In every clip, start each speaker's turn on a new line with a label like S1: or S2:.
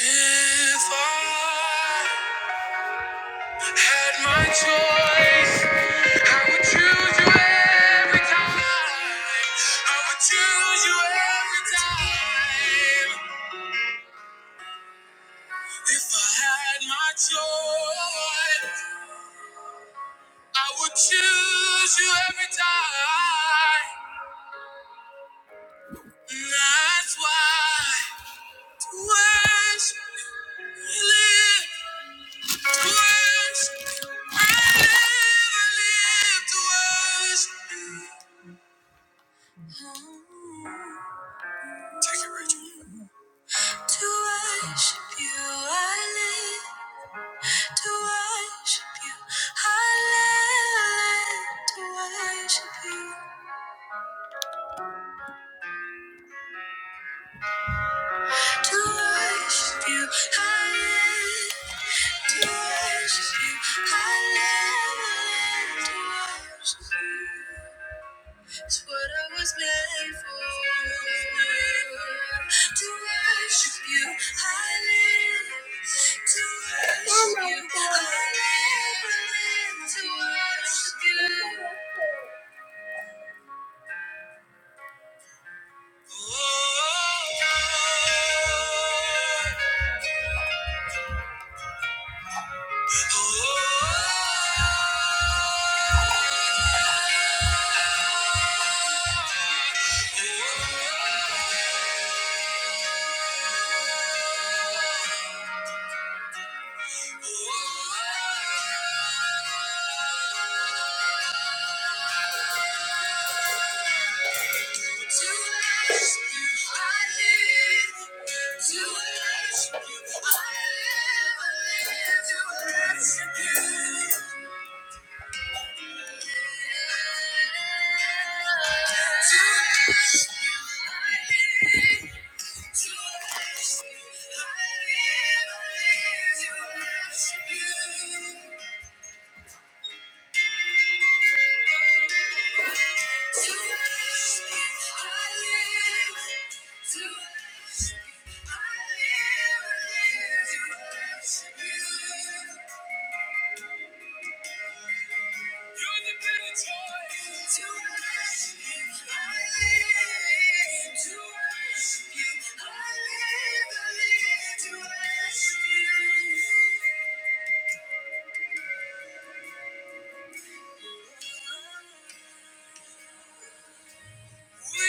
S1: If I had my choice, I would choose you every time. I would choose you every time. If I had my choice, I would choose you every time. That's why to worship you, we live. To worship you, I live. To worship you, I live. To worship you, to worship you, I live. To worship you, I live. To worship you. It's what I was made for. To worship you, I live. To worship Oh you, I live. I live to worship you. Oh, To ask you, I live. To ask you, I live. To ask you. To ask you, I live. To ask you, I live. To ask you. To worship you. I I live. I live. To worship You, Thank you.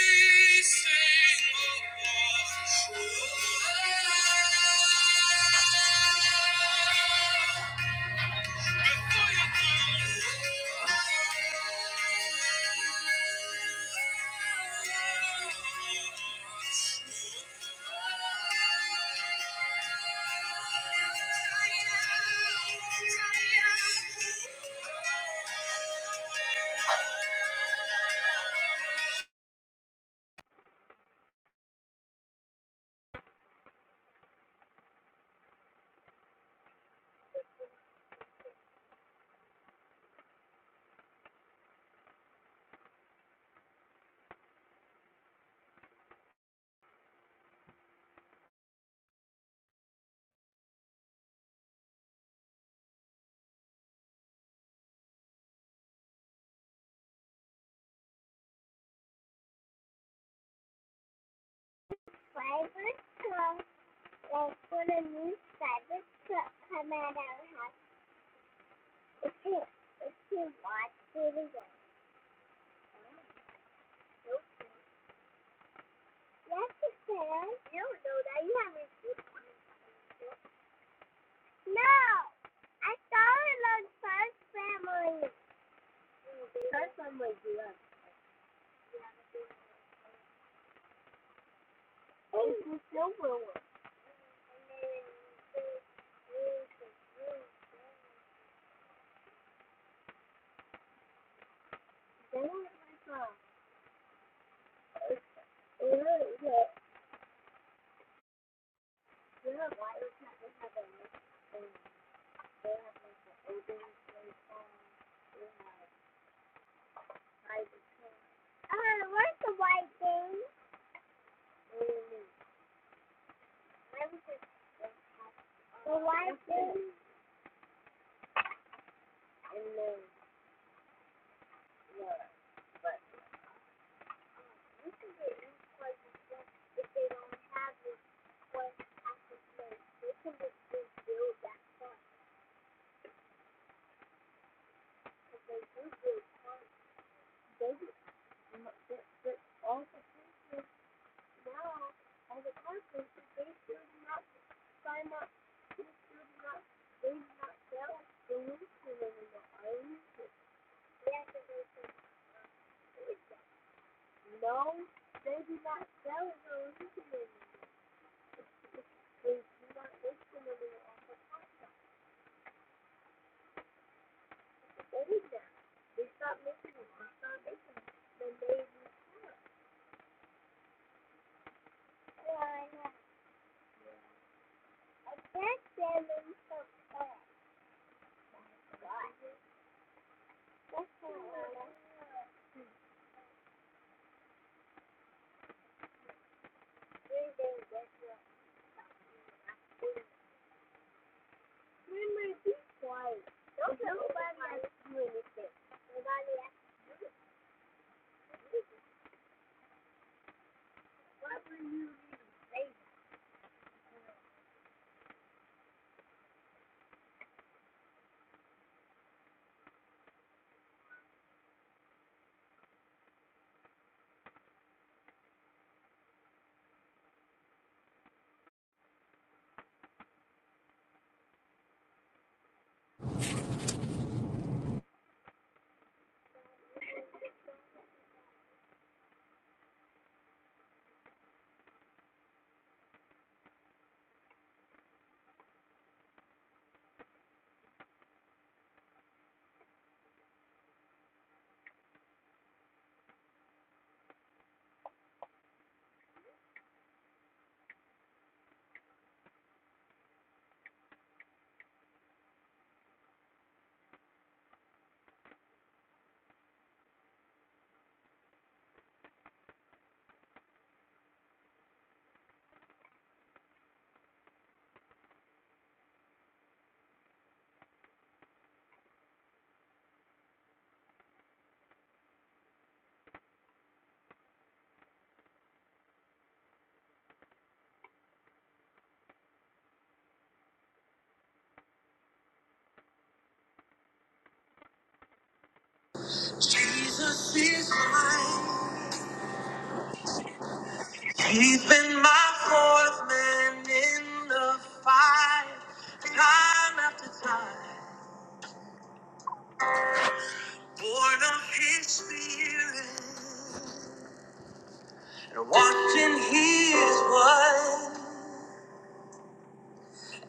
S2: Jesus is mine. He's been my fourth man in the fire, time after time. Born of His Spirit, and washed in His blood,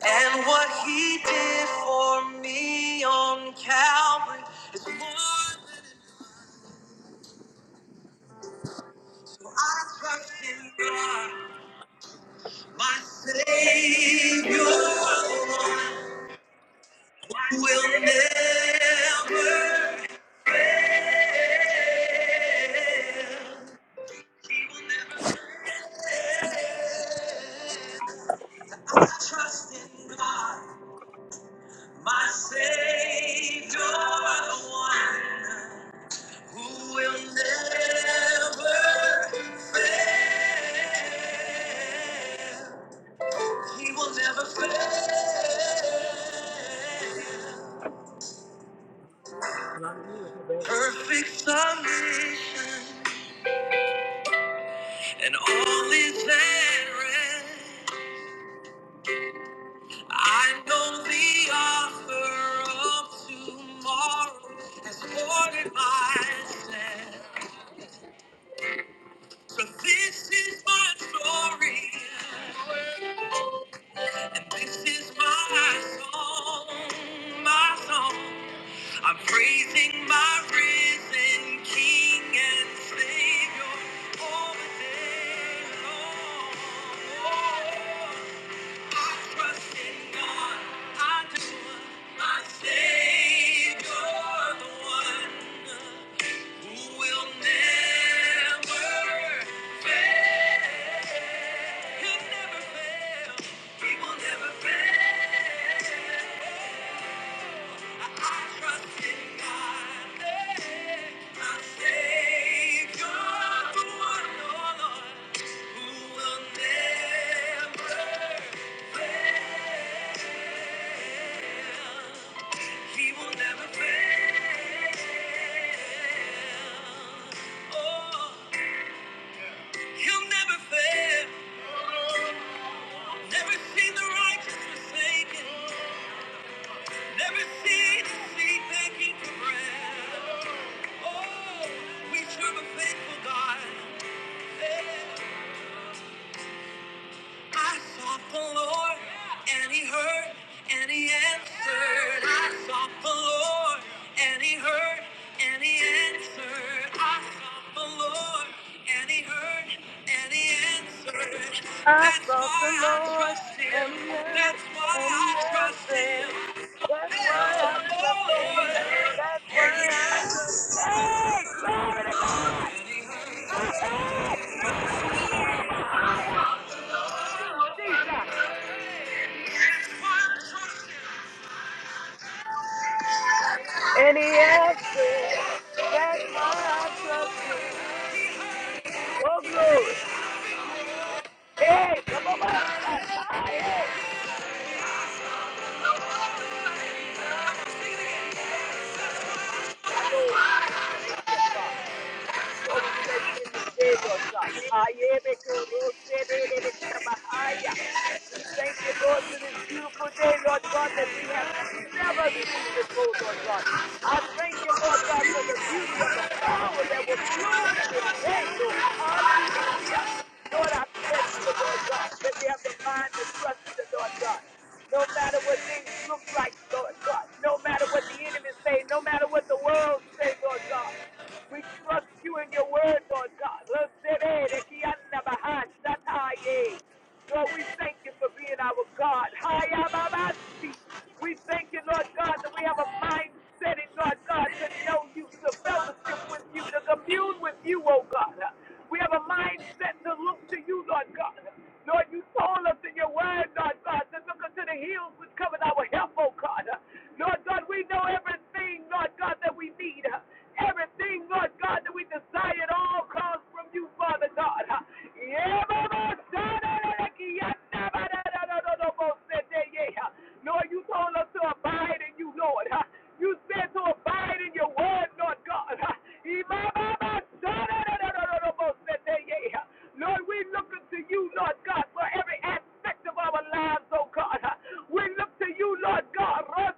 S2: and what He did for me on Calvary is more than enough. So I trust in God, my Savior, the one. will never fail. I trust in God, my Savior, the one who will never fail. He will never fail. Perfect submission, and all is at rest. I know the offer of tomorrow has ordered my steps. So this is my story, and this is my song, my song. I'm praising my risen King and Savior all the day long. Oh, Who will never fail. He will never fail. Oh, he'll never fail. Never see the righteous forsaken. Never see the seed begging for bread. Oh, we serve a faithful God. Hey. I sought the Lord, and He heard, and He answered. I sought the Lord, and He heard, and He answered. I sought the Lord, and He heard, and He answered.
S1: I
S2: That's
S1: sought
S2: why
S1: the
S2: I
S1: Lord,
S2: trust Him.
S1: and He heard,
S2: That's why
S1: and He
S2: I trust
S1: answered.
S2: Him.
S1: That's why I trust
S2: Oh
S1: Him.
S2: Lord.
S1: That's why I trust. Hey, glory! to- Hey, Jesus. And He answered. That's why I trust Him. Oh, glory! Hey, ba ba ba! My Lord, thank you, Father. So we bless you in this day, Lord God. We thank you, Lord, for this beautiful day, Lord God, that we have never seen before, Lord God. I thank you, Lord God, for the beauty of the flower that will bloom in this day, Lord. Hallelujah. Lord, I bless you, Lord God, that we have the mind to trust you, Lord God. No matter what things look like, Lord Lord God. No matter what the enemy say, no matter what the world say, Lord God. We trust you in your word, Lord God. Lord, we thank you for being our God. We thank you, Lord God, that we have a mindset in, Lord God, to know you, to fellowship fellowship with you, to commune with you, oh God. We have a mindset to look to you, Lord God. Lord, you told us in your word, Lord God, to look unto the hills which covered our help, oh God. Lord God, we know everything, Lord God, that we need. Everything, Lord God, that we desire at all comes from you, Father God. Yeah, Mama, Lord, you told us to abide in you, Lord. Huh? You said to abide in your word, Lord God. Huh? Lord, we look unto you, Lord God, for every aspect of our lives, oh God. Huh? We look to you, Lord God, for our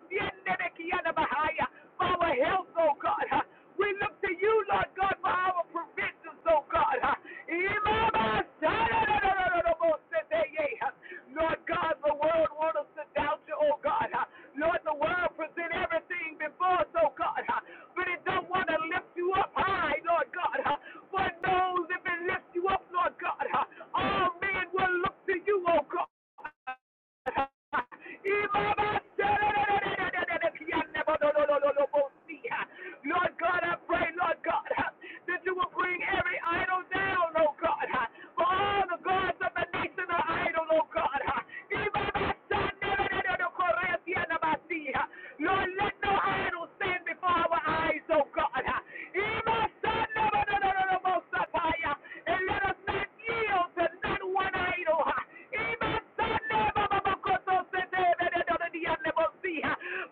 S1: health, oh God. Huh? We look to you, Lord God, for our provisions, oh God. Lord God, the world wants us to doubt you, oh God. Lord, the world present everything before us, oh God. But it don't want to lift you up high, Lord God. For it knows if it lifts you up, Lord God, all men will look to you, oh God. Lord God, I pray, Lord God, that you will bring every idol down, oh God. For all the gods of the nation are idol, oh God. Lord, let no idol stand before our eyes, oh God. And let us not yield to not one idol.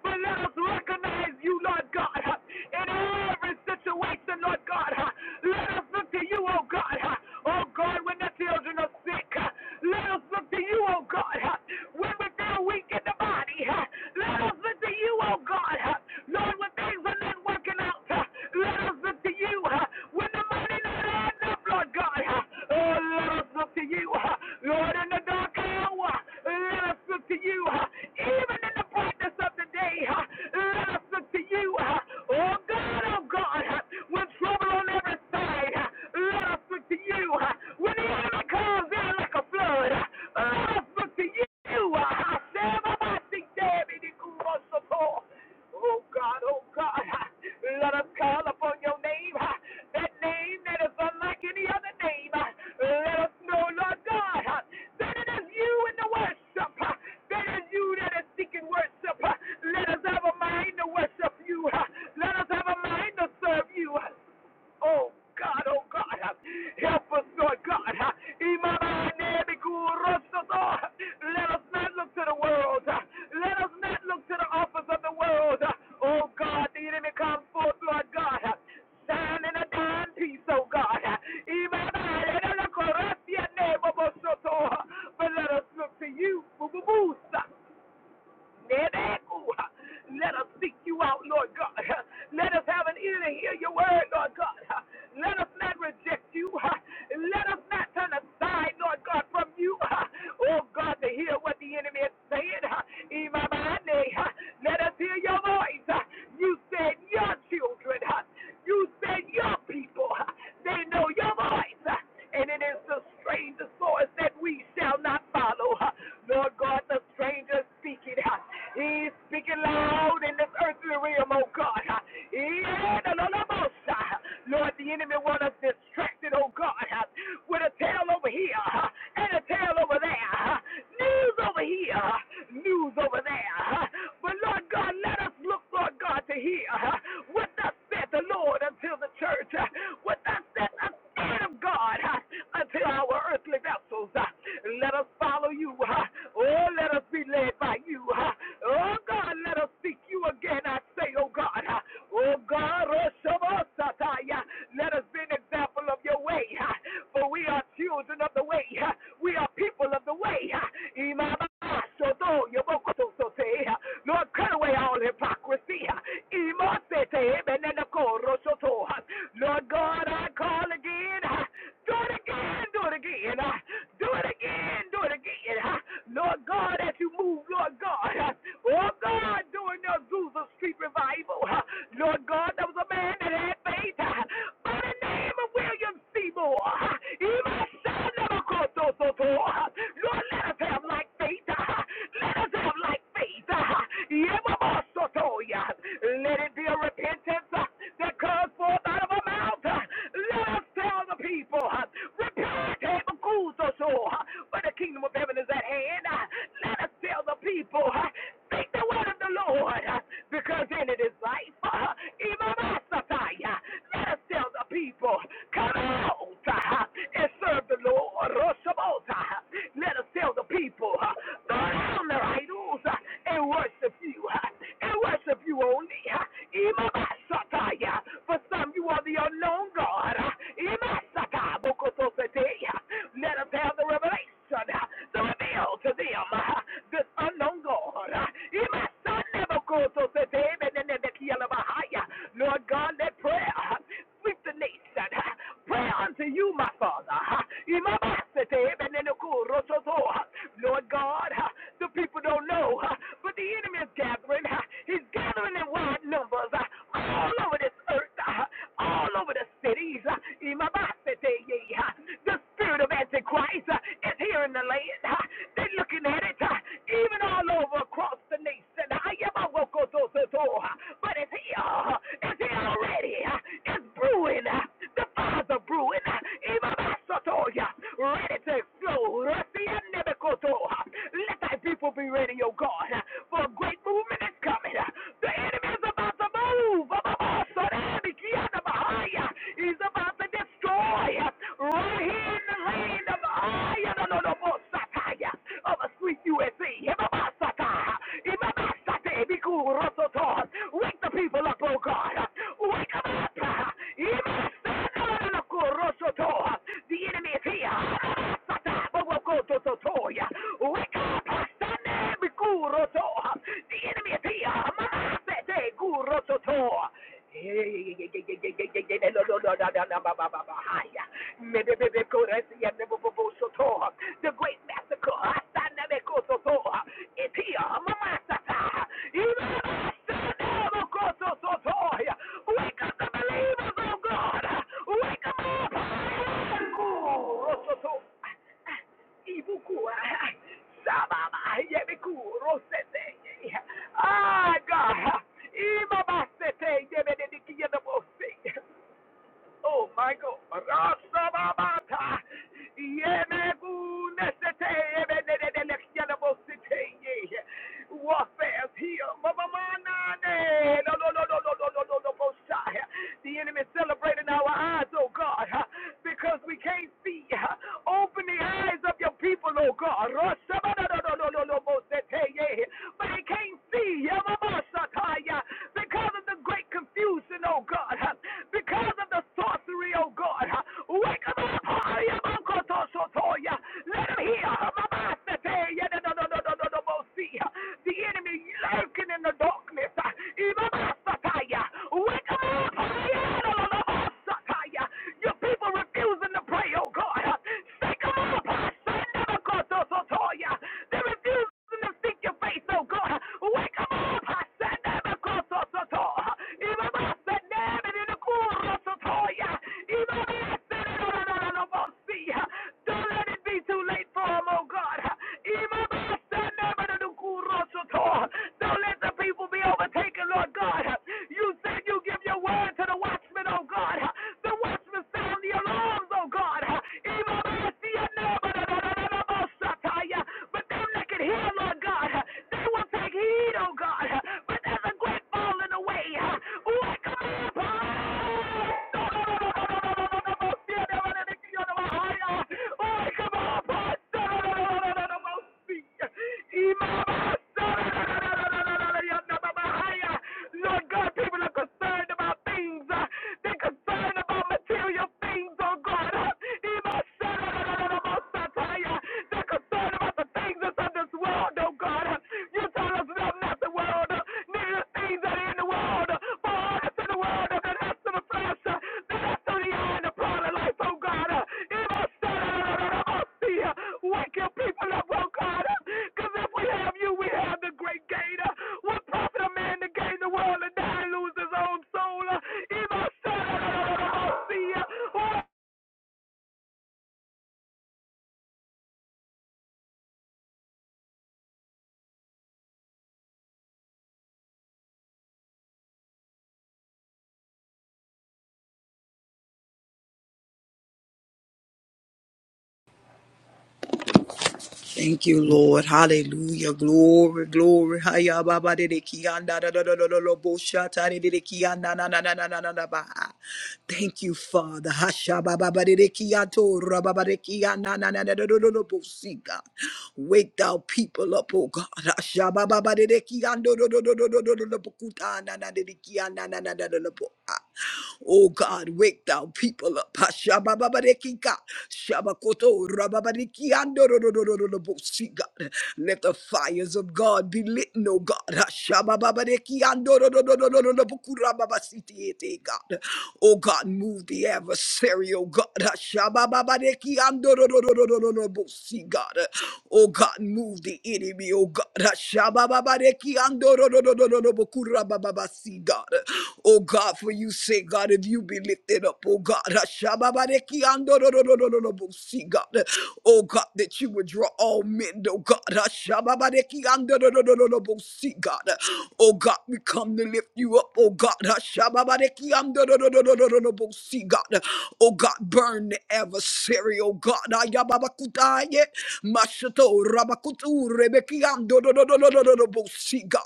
S1: But let us recognize you, Lord God, in every situation, Lord God. Let us look to you, oh God. Oh God, when the children are sick, let us look to you, oh God. When we feel weak in the body, let us look to you, oh God. God. Lord, when things are not working out, let us look to you. When the money not adds up, Lord God, oh, let us look to you. Lord, in the dark hour, let us look to you. Even in the brightness of the day, let us look to you. Oh, God, oh, God, when trouble on every side, let us look to you. When the enemy comes in like a flood, I look to you. I said, I think David is Oh God, oh God, let us call upon your name, that name that is unlike any other name. Let us know, Lord God, that it is you in the worship, that is you that is seeking worship. Let us have a mind to worship you. Let us have a mind to serve you. Oh God, oh God, help us, Lord God. Let us not look to the world. Let us not look to the offers of the world. Oh God, the enemy comes forth, Lord God. Shine in a dying peace, oh God. But let us look to you. Let us seek you out, Lord God. Let us have an ear to hear your word, Lord God. Let us not reject you. Let us not turn aside, Lord God, from you. Oh God, to hear what the enemy is saying. Imamane, Let us hear your voice. You said your children. You said your people. They know your voice. And it is the stranger's voice that we shall not follow. Lord God, the stranger we just speak it. He's speaking loud in this earthly realm, oh God. Yeah, no, no, no, no, Lord, the enemy want us distracted, oh God, with a tale over here and a tale over there. News over here, news over there. But Lord God, let us look, Lord God, to hear what thus said the Lord until the church, what thus said the Spirit of God until our earthly vessels. Let us follow you. Oh, let us be led by you. huh? Oh, God, let us seek you again. I say, oh, God. huh? Oh, God, oh, Shabbat, Sataya. let us be an example of your way. huh? For we are children of the way. huh? We are people of the way. huh? huh? Lord, cut away all hypocrisy. huh? huh? Lord God, I call again. huh? Do it again, do it again. huh? Do it again, do it again again. Lord God, as you move, Lord God. Oh God, during the Azusa Street revival. Lord God, there was a man that had faith by the name of William Seymour. Even son of a Kototo. Lord, let us have like faith. Let us have like faith. Yemamosotoya. Let it be a repentance that comes forth out of our mouth. Let us tell the people, repent, Hemakuzoto for the kingdom of heaven is at hand. Uh, Let us tell the people, uh, speak the word of the Lord, uh, because in it is life. Uh, uh, Let us tell the people, come out uh, and serve the Lord. Roshamota, uh, Let us tell the people, uh, burn down their idols uh, and worship you, uh, and worship you only. uh, uh, For some, you are the unknown God. uh, uh, let us have the revelation, uh, the reveal to them, uh, this unknown God. Uh, son never goes to the day, and the key of my Lord God, let prayer uh, sweep the nation. Uh, prayer unto you, my Father. Uh, in and the cool, rototo, uh, Lord God, uh, the people don't know, uh, but the enemy is gathering. uh, he's gathering in wide numbers uh, all over this earth, uh, all over the cities. Uh, in yeah, yeah, The spirit of Antichrist uh, is here in the land. Uh, They're looking at it, uh, even all over across the nation. I am a local so- so- so, uh, But it's here. uh, It's here already. uh, It's brewing. uh, The fires are brewing. uh, Even my soto, yeah, ready to explode. Let the uh, thy people be ready, O God, uh, for a great movement is coming. uh, The enemy is about to move. uh, uh, uh, so that He's about to destroy joy right here in the land of I no no no Bosataya of a sweet USA. Hibabasata. Hibabasate Biku Rototo. Wake the people up, oh God. Wake them up. Hibasata Rototo. The enemy is here. Hibasata Bogototoya. Wake up, Sunday Biku Roto. The enemy is here. Mama Sete Gurototo. The great massacre. Asanamikosoto. Itia. Mamasata. Imamasanamokosoto. Wake up the believers, oh God. Wake them up. Kurosoto. Ibukua. Sababa. Yebiku. Rosete. Ah, God. Imabasete. Yebedeki. Yedabose. Oh, Michael. Rasababata. Yemegunesete. Ebenedelexyelabosete. Warfare is here. Mamamanane. No, no, no, no, no, no, no, no, no, Boshai. The enemy is celebrating our eyes, oh God, because we can't see. Open the eyes of your people, oh God. Rasabadadadadadadabosete. For they can't see. Yamabasataya. Because of the great confusion, oh God, huh? because of the sorcery, oh God. huh? Wake them up, hurry up, Uncle Toshotoya. Let them hear. Mama, I tell you, no, no, no, no, no, no, no, no, The enemy lurking in the darkness. Mama, I tell Wake them up, hurry up, no, no, no, no, Your people refusing to pray, oh God. Shake them up, Sandamakotosotoya. They refusing to seek your face, oh God. Wake Wake 'em don't let it be too late for him, oh God. Don't let the people be overtaken, Lord God. You said you give your word to the watchmen, oh God. The watchmen sound the alarms, oh God that can hear, Lord God, they will take heed, oh God. But there's a great falling away. Ooh, I come up. Oh, I come up. Lord God, people are concerned about things. uh, They're concerned about material things, oh God. Satire, they're concerned about the things that's of this world, oh God. You tell us love not the world, neither the things that are in the world. For all that's in the world, and that's to the flesh, uh, that's to the eye and the pride of life, oh God. It must see. Wake your people up, oh God. Because if we have you, we have the great gain. Uh, What profit a man to gain the world and die and lose his own soul? Uh,
S3: Thank you, Lord. Hallelujah. Glory, glory. Haya baba de de kianda da da da da da da bo shata de de de kianda na na na na na na na ba. Thank you, Father. Hasha baba ba de de kiato ra baba de kianda na na na da da da da bo si, God. Wake thou people up, oh God. Hasha baba ba de de kiando do do do do do do do do bo kuta na na de de kianda na na da da da bo. ah. Oh God, wake thou people up. Hashababarekika, shabakoto, rababarikiandororororobosi, God. Let the fires of God be lit, oh God. Hashababarekiandororororobokurababasitiete, God. Oh God, move the adversary, oh God. Hashababarekiandororororobosi, God. Oh God, move the enemy, oh God. Hashababarekiandororororobokurababasi, God. Oh God, for you say, God, if you be lifted up, oh God, Ashababareki andorororororobo, God, oh God, that you would draw all men, oh God, Ashababareki andorororororobo, God, oh God, we come to lift you up, oh God, Ashababareki andorororororobo, God, oh God, burn the adversary, oh God, Ayababakutaye, Mashato Rabakutu Rebeki andorororororobo, God,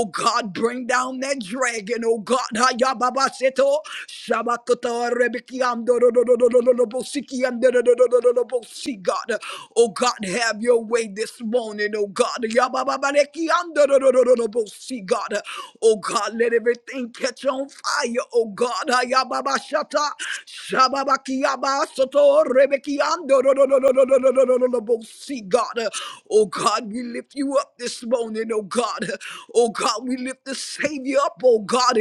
S3: Oh God, bring down that dragon. Oh God, Hayababaseto, Shabakata Rebekiando, Bosiki, God. Oh God, have your way this morning. Oh God, Yabababarekiando, Bosi, God. Oh God, let everything catch on fire. Oh God, Hayababashata, Shababakiyaba, Soto, Rebekiando, Bosi, God. Oh God, we lift you up this this morning, oh God. Oh God, we lift the Savior up, oh God.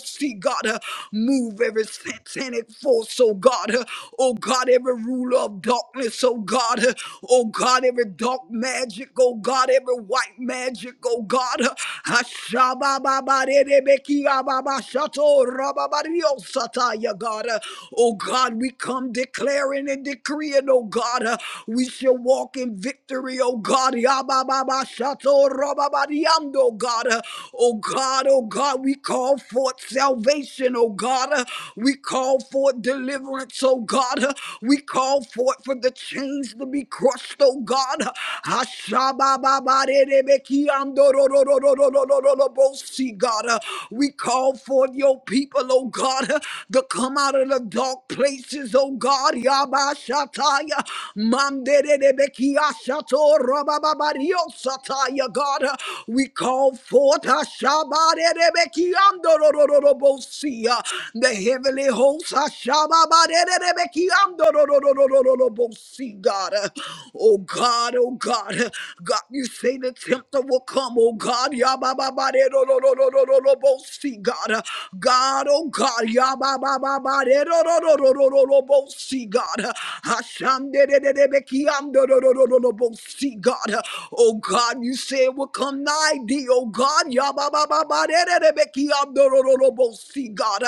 S3: See, God, uh, move every satanic force, oh God. uh, Oh God, every ruler of darkness, oh God. uh, Oh God, every dark magic, oh God, every white magic, oh God. uh, uh, Oh God, we come declaring and decreeing, oh God uh, We shall walk in victory, oh God. Yabababa shato rababadiando, Oh God, oh God, we call forth salvation, oh God. Uh, We call forth deliverance, oh God. Uh, We call forth for the chains to be crushed, oh God. Ashabababadedebekiando, ro- ro- ro- We call forth your people, oh God, uh, to come out of the dark places, oh God. Yaba Shataya. Manderebekia Shato Rababario Sataya God. uh, We call forth Ashabarebekiandorobosia. The heavenly hosts Ashabarebekiandorobosia God. uh, Oh God, oh God. uh, God, you say the tempter will come, oh God. Yabababarerobosia God. uh, God, oh God. Yabababa. God. see God. see God. Oh God, you say it will come nigh thee, oh God. Yababababarererebekiamdorororobosi, God.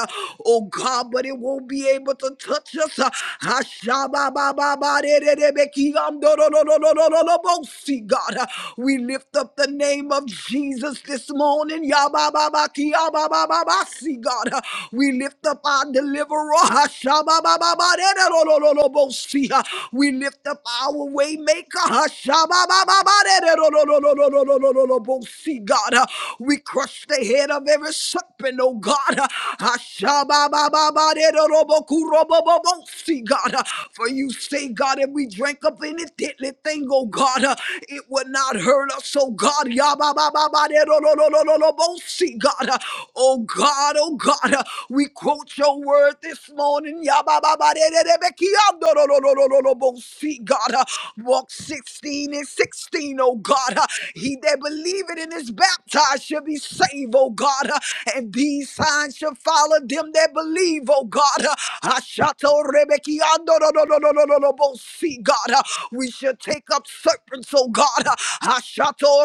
S3: Oh God, but it won't be able to touch us. Ashababababarererebekiamdororororobosi, God. We lift up the name of Jesus this morning. Yabababaki, yababababasi, God. Uh, We lift up our deliverer. ba ba ba de de bo Hashababababaderolololobosia. We lift up our way maker. ba ba ba de de bo Hashababababaderolololololololobosia, God. Uh, We crush the head of every serpent, oh God. ba ba ba de de ro bo bo ku Hashababababaderolobokurobobobosia, God. Uh, For you say, God, if we drink up any deadly thing, oh God, uh, it would not hurt us, oh God. ba ba ba de bo Yababababaderololololobosia, God. Uh, Oh God, oh God, uh, we quote your word this morning. Yabababadededebekiandorororororobo. See, God, uh, walk 16 and 16, oh God. uh, He that believeth and is baptized shall be saved, oh God. uh, And these signs shall follow them that believe, oh God. uh, Ashatorebekiandorororororobo. See, God, uh, we shall take up serpents, oh God. uh, Ashato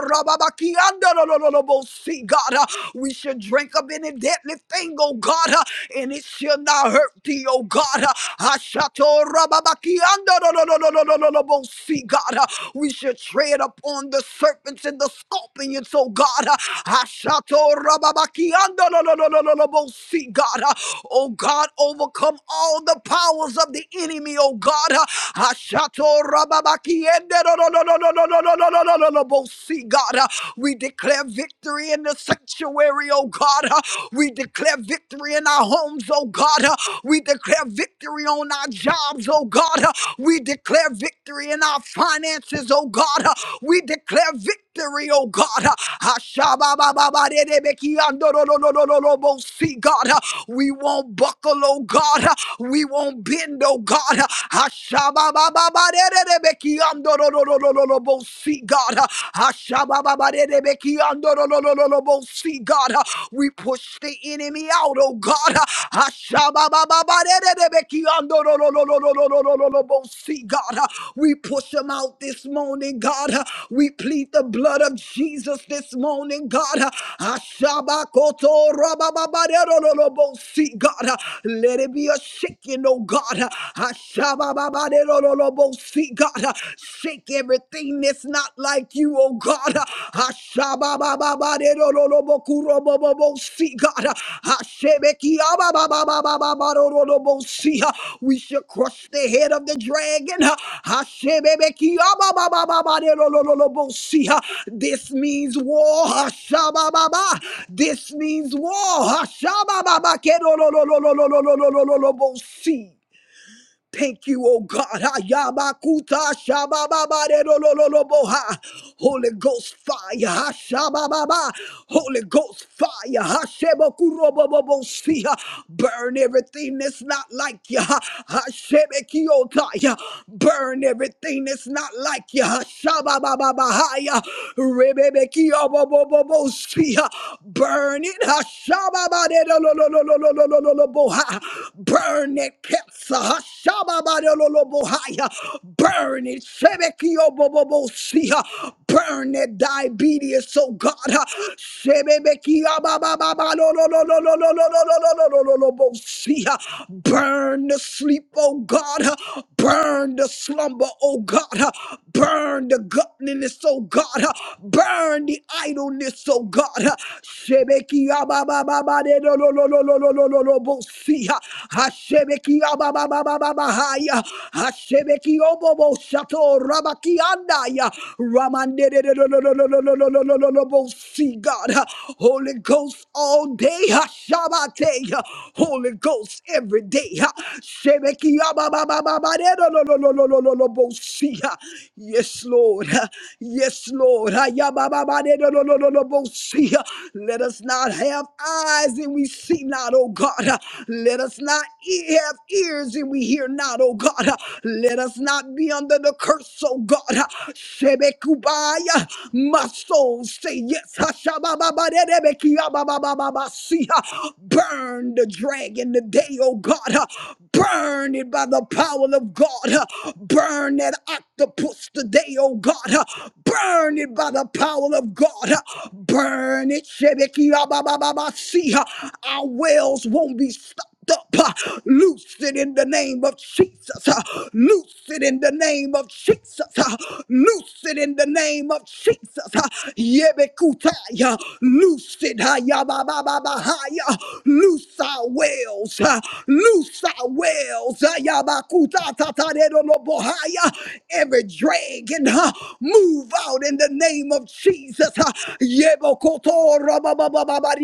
S3: See, God, uh, we should drink of any deadly thing, oh God, uh, and it shall not hurt thee, oh God. uh, Ashato rababakiando. See, God, uh, we should tread upon the serpents and the scorpions, oh God. uh, Ashato rababakiando. See, God, uh, oh God, overcome all the powers of the enemy, oh God. uh, Ashato rababakiende. Andalolobosi, God. Uh, We declare victory in the sanctuary, oh God. Uh, We declare victory in our homes, oh God. Uh, We declare victory on our jobs, oh God. Uh, We declare victory in our finances, oh God. Uh, We declare victory victory, oh God. Ashababababadedebekiandorororororobo. See, God, we won't buckle, oh God. We won't bend, oh God. Ashababababadedebekiandorororororobo. See, God. Ashababababadedebekiandorororororobo. See, God. We push the enemy out, oh God. See, God, uh, we push them out this morning, God. uh, We plead the blood of Jesus this morning, God. uh, Ashabakoto rabababarerololobo. See, God, uh, let it be a shaking, oh God. uh, Ashabababarerololobo. See, God, uh, shake everything that's not like you, oh God. Ashababababaderololobokurobobobosi, God. Ashebekiababababababarololobosi. We shall crush the head of the dragon. Ashebebekiababababaderololobosi. This means war. Ashabababa. This means war. Ashabababakerololololololololobosi. Thank you, oh God. Ha, yabakuta, shabababa, de, lo Ayabakuta shabababarerolololoboha. Holy Ghost fire. Hashabababa. Holy Ghost fire. Hashebokurobobobosia. Burn everything that's not like you. Hashebekiyotaya. Burn everything that's not like you. Hashabababahaya. Rebebekiyobobobobosia. Burn it. Ha, shababa, de, lo lo lo lo lo lo lo lo Hashababaderololololololoboha. Burn it, Ketsa. Shababadololobohaya. Burn it. Shebekiobobobosia. Burn it, diabetes, oh God. Shebebekiababababadolololololololololololololololobosia. Burn the sleep, oh God. Burn the slumber, oh God. Burn the godliness, oh God. Burn the idleness, oh God ba ba ba de lo lo lo lo lo lo lo lo lo bo si ha. Hashebeki ya ba ba ba ba ba ba ha ya. Hashebeki o bo bo shato rabaki anda ya. Ramande de de lo lo lo lo lo lo lo lo lo lo lo bo si God. Holy Ghost all day ha shabate ya. Holy Ghost every day ha. Shebeki ya ba ba ba ba ba de lo lo lo lo lo lo lo lo bo si ha. Yes Lord. Yes Lord. Ha ya ba ba ba de lo lo lo lo let us not have eyes and we see not, oh God. Let us not e- have ears and we hear not, oh God. Let us not be under the curse, oh God. Shebekubaya, my soul say yes. Hashabababadedebekiababababasiya. Burn the dragon today, oh God. Burn it by the power of God. Burn that octopus today, oh God. Burn it by the power of God. Burn it, Shebeki See, our wells won't be stopped. Up, loose it in the name of Jesus. Loose it in the name of Jesus. Loose Loose it in the name of Jesus. Ha. Yebekutaya. Loose it. Ha, ba, ba, ba, ba, ha, Loose our wells. Loose our wells. Ha, ya, ba, kuta, ta, no, bo, ha, Every dragon, move out in the name of Jesus. Ha. ba, ba, ba, ba, ba,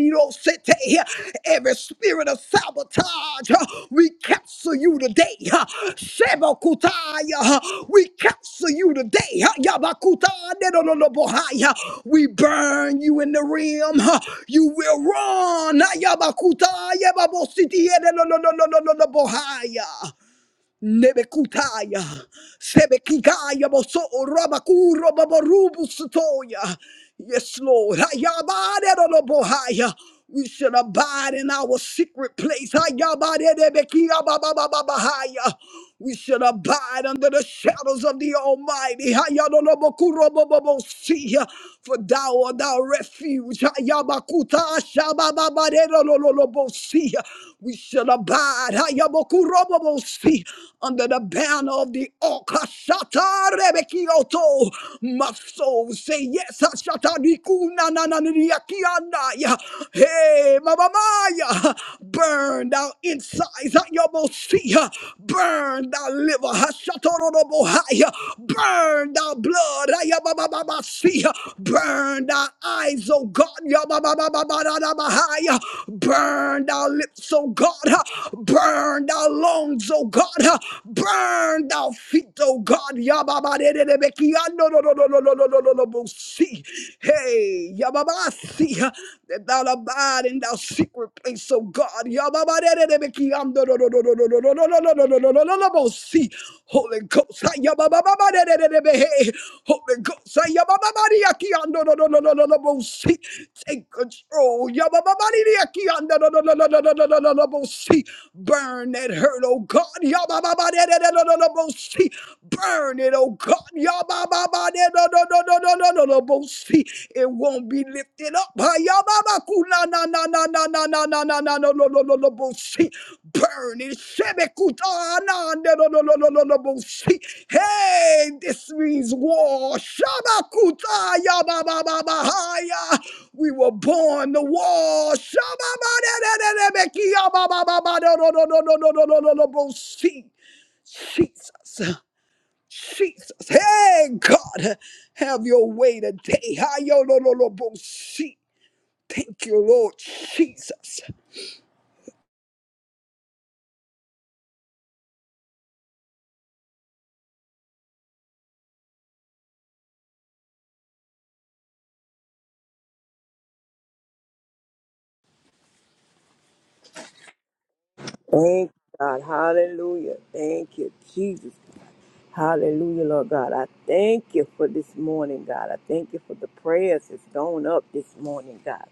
S3: Every spirit of sabotage, uh, we cancel you today. uh, Shebakutaya, uh, We cancel you today. uh, Yabakutanedolobohai, uh, We burn you in the realm. uh, You will run. uh, Yabakutaya, Babositiedelolololololobohai. Nebekutaya, Sebekigaya, Boso, Rabakuro, Babarubus, Toya. Yes, Lord. Hayabare, Robohaya. We shall abide in our secret place. Hayabare, Nebekia, Babababahaya. We should abide under the shadows of the Almighty. Hayadonobokurobobobosi. For thou art our refuge. Hayabakuta shabababarerolololobosi. We shall abide Hayabokurobobosi. under the banner of the oak. Hashatarebekioto. My soul say yes. Hashatarikunanananiriakianaya. Hey, Mama Maya. Burn out insides out your mosia. Burn out liver. Hashatorobohaya. Burn out blood. Ayababababasia. Burn out eyes, oh God. Yabababababababahaya. Burn out lips, oh God. Burn out lungs, oh God. Burn out feet, oh God. Yababadededebekiando. Hey, I see that thou abidest thou secret place of God. Y'all, I'm the most see Holy Ghost. Y'all, I'm the most see Holy Ghost. Y'all, I'm the most see Take control. Y'all, I'm the most see Burn that hurt, oh God. Y'all, I'm the most see Burn it, oh God. Y'all. Ba-ba-de-do-do-do-do-do-do-do-do-bo-si. It won't be lifted up. Ha-ya-ba-ba-ku-na-na-na-na-na-na-na-na-no-no-no-no-bo-si. Burn it. Shebe-ku-ta-na-na-no-no-no-no-no-bo-si. Hey, this means war. Shaba-ku-ta-ya-ba-ba-ba-ba-ha-ya. We were born to war. shaba ba de de de de be ki ya ba ba ba ba do do Jesus. Jesus. Hey, God, have your way today. hi yo lo lo lo bo si. Thank you, Lord Jesus.
S2: Thank God. Hallelujah. Thank you, Jesus. Hallelujah, Lord God. I thank you for this morning, God. I thank you for the prayers that's gone up this morning, God.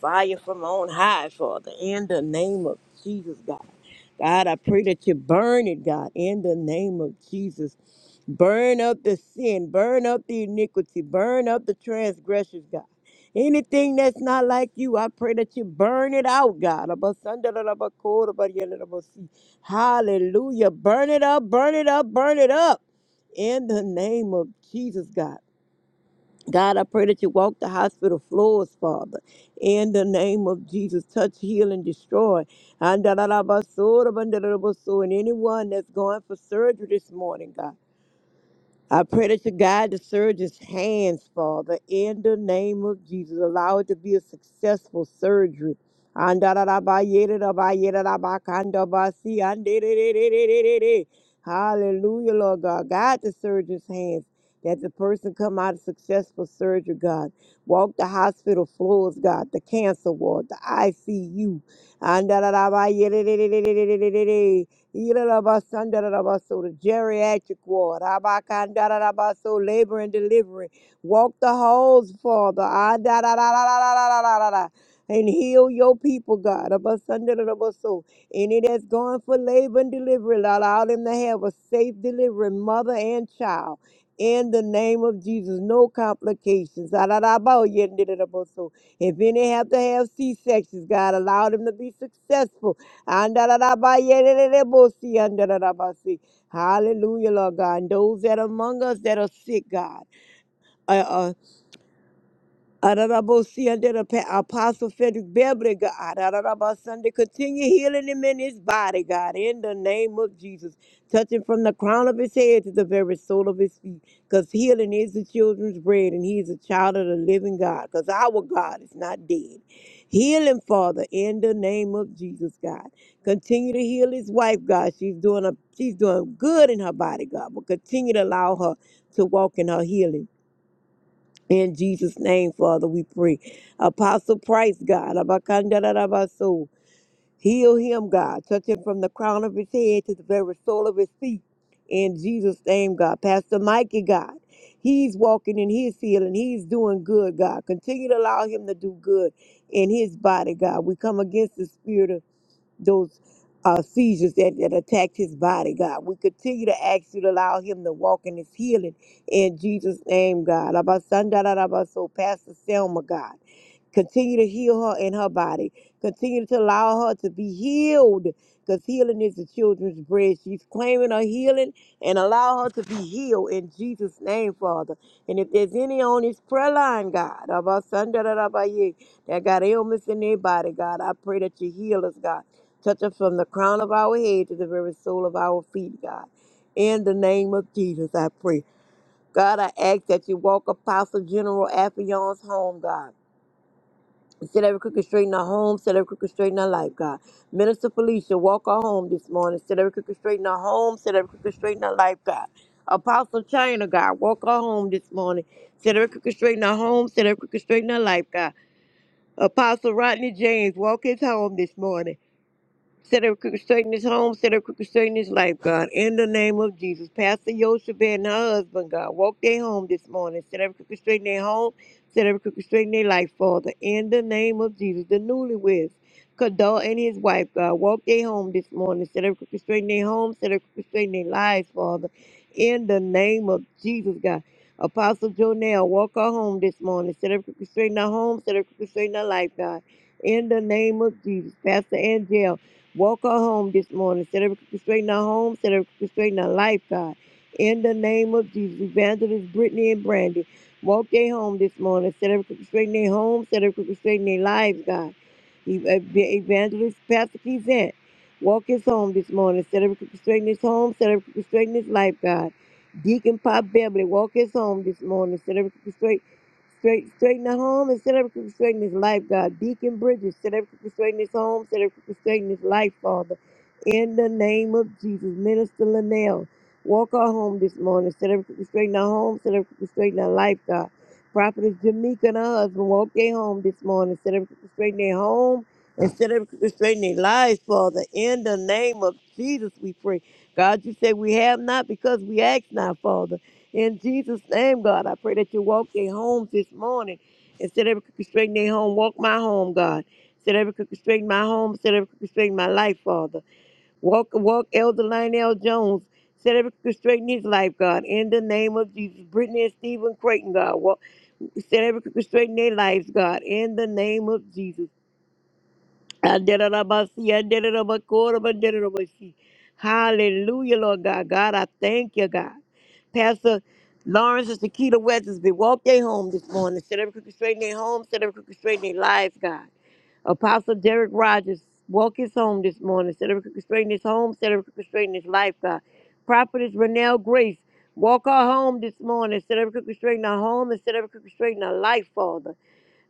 S2: Fire from on high, Father, in the name of Jesus, God. God, I pray that you burn it, God, in the name of Jesus. Burn up the sin, burn up the iniquity, burn up the transgressions, God. Anything that's not like you, I pray that you burn it out, God. Hallelujah. Burn it up, burn it up, burn it up in the name of Jesus, God. God, I pray that you walk the hospital floors, Father. In the name of Jesus, touch, heal, and destroy. And da- da- da- ba- so- da- ba- da- da- da- ba- so. And anyone that's going for surgery this morning, God. I pray that you guide the surgeon's hands, Father, in the name of Jesus. Allow it to be a successful surgery. Andadadabayedadabayedadabakandabasi, andedededededede. Hallelujah, Lord God. Guide the surgeon's hands that the person come out of successful surgery, God. Walk the hospital floors, God, the cancer ward, the ICU. Andadadabayedadadadadadadadadada. Yidadabasandarabaso, The geriatric ward, Abakandarabaso, labor and delivery. Walk the halls, Father, Adadadadadadadadada, and heal your people, God. Abasandarabaso. Any that's going for labor and delivery, Lord, allow them to have a safe delivery, mother and child. In the name of Jesus, no complications. Adadabaoyendididaboso. If any have to have C-sections, God, allow them to be successful. Andadadabayendididabosi, andadadabasi. Hallelujah, Lord God. And those that are among us that are sick, God. uh, uh, Ararabasi under the pa- Apostle Frederick Beverly, God. Ararabasande, Continue healing him in his body, God, in the name of Jesus. Touch him from the crown of his head to the very sole of his feet. Because healing is the children's bread, and he is a child of the living God. Because our God is not dead. Heal him, Father, in the name of Jesus, God. Continue to heal his wife, God. She's doing a she's doing good in her body, God. But continue to allow her to walk in her healing. In Jesus' name, Father, we pray. Apostle Price, God, abakandarabaso. heal him, God. Touch him from the crown of his head to the very sole of his feet. In Jesus' name, God. Pastor Mikey, God, he's walking in his healing. He's doing good, God. Continue to allow him to do good in his body, God. We come against the spirit of those uh, seizures that, that attacked his body, God. We continue to ask you to allow him to walk in his healing in Jesus' name, God. So, Pastor Selma, God. Continue to heal her in her body. Continue to allow her to be healed because healing is the children's bread. She's claiming her healing and allow her to be healed in Jesus' name, Father. And if there's any on this prayer line, God, of our son, da, da, da, ba, yeah, that got ailments in their body, God, I pray that you heal us, God. Touch us from the crown of our head to the very sole of our feet, God. In the name of Jesus, I pray. God, I ask that you walk Apostle General Affion's home, God. Set every crooked straight in our home. Set every crooked straight in our life, God. Minister Felicia, walk our home this morning. Set every crooked straight in our home. Set every crooked straight in our life, God. Apostle China, God, walk our home this morning. Set every crooked straight in our home. Set every crooked straight in our life, God. Apostle Rodney James, walk his home this morning. Set up crooked straight in his home, set up crooked straight in his life, God. In the name of Jesus. Pastor Yoshua and her husband, God, walk their home this morning. Set up crooked straight in their home, set up crooked straight in their life, Father. In the name of Jesus. The newlyweds, Kadar and his wife, God, walk their home this morning. Set up crooked straight in their home, set up crooked straight in their lives, Father. In the name of Jesus, God. Apostle Jonell, walk her home this morning. Set up crooked straight in her home, set up crooked straight in her life, God. In the name of Jesus. Pastor Angel. Walk her home this morning. Set her straighten her home. Set her straighten her life, God. In the name of Jesus, Evangelist Brittany and Brandy, walk their home this morning. Set her straighten their home. Set her straighten their lives, God. Ev- Evangelist Pastor Kizant, walk his home this morning. Set up straighten his home. Set up straighten his life, God. Deacon Pop Beverly, walk his home this morning. Set her Straight, straighten the home and set every crooked straight in his life, God. Deacon Bridges, set every crooked straight in his home, set every crooked straight in his life, Father. In the name of Jesus, Minister Linnell, walk our home this morning. Set every crooked straight in our home, set every crooked straight in our life, God. Prophetess Jamaica and her husband, walk their home this morning. Set every crooked straight in their home and set every crooked straight in their lives, Father. In the name of Jesus, we pray. God, you say we have not because we ask not, Father. In Jesus' name, God, I pray that you walk their homes this morning. Instead of constraining their home, walk my home, God. Instead of constraining my home, instead of constraining my life, Father. Walk, walk Elder Lionel Jones. Instead of constraining his life, God. In the name of Jesus. Brittany and Stephen Creighton, God. Walk, instead of constraining their lives, God. In the name of Jesus. Aderabasi, aderabakoro, aderabasi. Hallelujah, Lord God. God, I thank you, God. Pastor Lawrence and Shakita West has walk their home this morning. Set every crooked straight in their home, set every crooked straight in their life, God. Apostle Derek Rogers, walk his home this morning. Set every crooked straight in his home, set every crooked straight in his life, God. Prophetess Renelle Grace, walk her home this morning. Set every crooked straight in her home and set every crooked straight in her life, Father.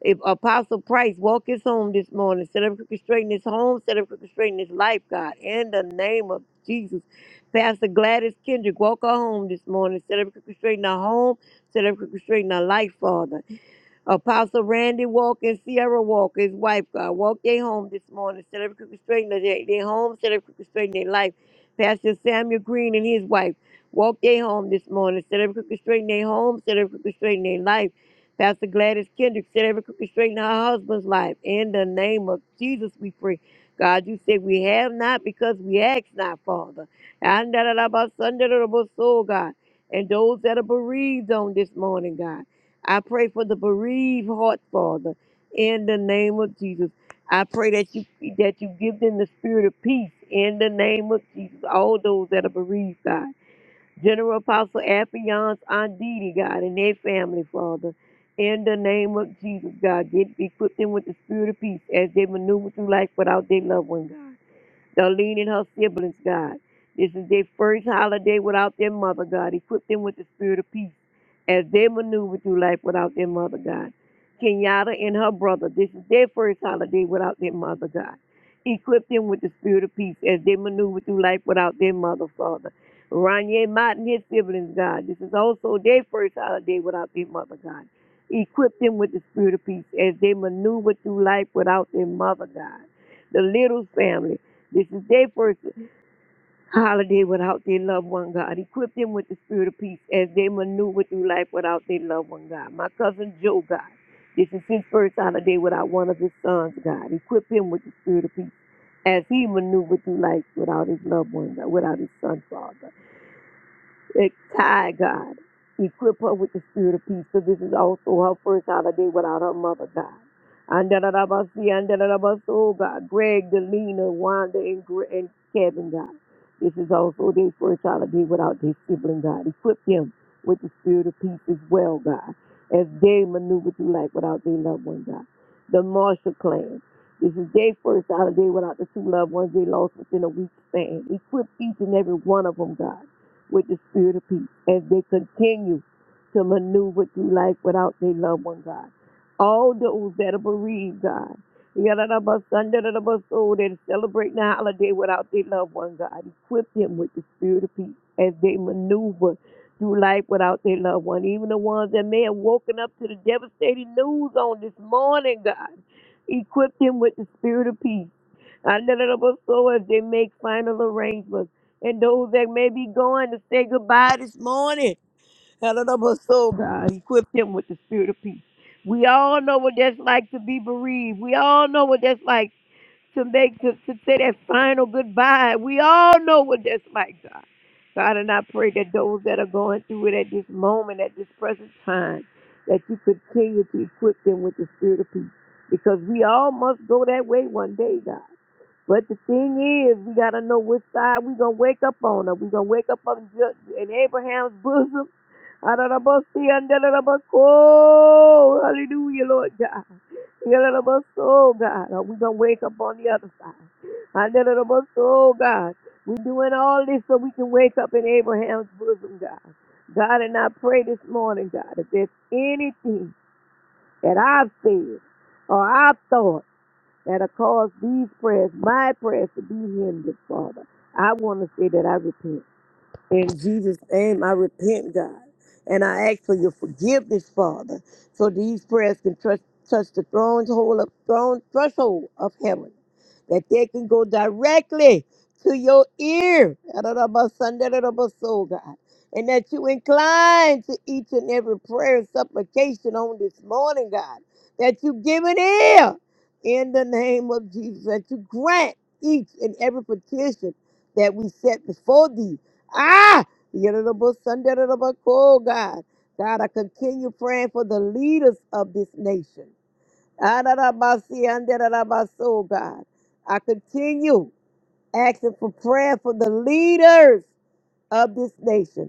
S2: If Apostle Price walk his home this morning, set up crooked straight in his home, set up crooked straight in his life, God, in the name of Jesus. Pastor Gladys Kendrick, walk her home this morning, set up crooked straight in her home, set up crooked straight in her life, Father. Apostle Randy Walker and Sierra Walker, his wife, God, walk their home this morning. Set every crooked straight their, their home, set every crooked straight in their life. Pastor Samuel Green and his wife, walk their home this morning. Set every crooked straight in their home, set every crooked straight in their life. Pastor Gladys Kendrick, set every crooked straight in her husband's life. In the name of Jesus, we pray. God, you said we have not because we ask not, Father. And da da da ba sun da da da ba soul, God. And those that are bereaved on this morning, God. I pray for the bereaved heart, Father, in the name of Jesus. I pray that you that you give them the spirit of peace in the name of Jesus. All those that are bereaved, God. General Apostle Afion's Aunt Didi, God, and their family, Father. In the name of Jesus, God, get equip them with the spirit of peace as they maneuver through life without their loved one, God. Darlene and her siblings, God. This is their first holiday without their mother, God. Equip them with the spirit of peace as they maneuver through life without their mother, God. Kenyatta and her brother, this is their first holiday without their mother, God. Equip them with the spirit of peace as they maneuver through life without their mother, Father. Ronye Mott and his siblings, God. This is also their first holiday without their mother, God. Equip them with the spirit of peace as they maneuver through life without their mother, God. The little family, this is their first holiday without their loved one, God. Equip them with the spirit of peace as they maneuver through life without their loved one, God. My cousin Joe, God. This is his first holiday without one of his sons, God. Equip him with the spirit of peace as he maneuvered through life without his loved one, God, without his son, Father. It's Ty, God. Equip her with the spirit of peace, for this is also her first holiday without her mother, God. Andalabasi, andalabas, oh God. Greg, Delina, Wanda, and, Gre- and Kevin, God. This is also their first holiday without their sibling, God. Equip them with the spirit of peace as well, God, as they maneuver through life without their loved one, God the Marshall Clan. This is their first holiday without the two loved ones they lost within a week's span. Equip each and every one of them, God, with the spirit of peace as they continue to maneuver through life without their loved one, God. All those that are bereaved, God. Yadadabasandaradabasoo, They're celebrating the holiday without their loved one, God. Equip them with the spirit of peace as they maneuver through life without their loved one. Even the ones that may have woken up to the devastating news on this morning, God. Equip them with the spirit of peace. I let it up So As they make final arrangements. And those that may be going to say goodbye this morning. Hallelujah, God. Equip him with the spirit of peace. We all know what that's like to be bereaved. We all know what that's like to make to, to say that final goodbye. We all know what that's like, God. God, and I pray that those that are going through it at this moment, at this present time, that you continue to equip them with the spirit of peace. Because we all must go that way one day, God. But the thing is, we gotta know which side we gonna wake up on. Are we gonna wake up on Ju- in Abraham's bosom? Adonabasi, Andalabako. Hallelujah, Lord God. Yalalabaso, God. Are we gonna wake up on the other side? Andalabaso, God. We're doing all this so we can wake up in Abraham's bosom, God. God, and I pray this morning, God, if there's anything that I've said or I've thought that have caused these prayers, my prayers, to be hindered, Father. I want to say that I repent. In Jesus' name, I repent, God. And I ask for your forgiveness, Father, so these prayers can touch, touch the throne's hole of, throne, threshold of heaven, that they can go directly to your ear, soul, God, and that you incline to each and every prayer and supplication on this morning, God, that you give an ear in the name of Jesus, that you grant each and every petition that we set before thee Ah, Yerobo Sunday, Yerobo oh God. God, I continue praying for the leaders of this nation. Ah, da, da, ba, si, and da, da, so, God. I continue asking for prayer for the leaders of this nation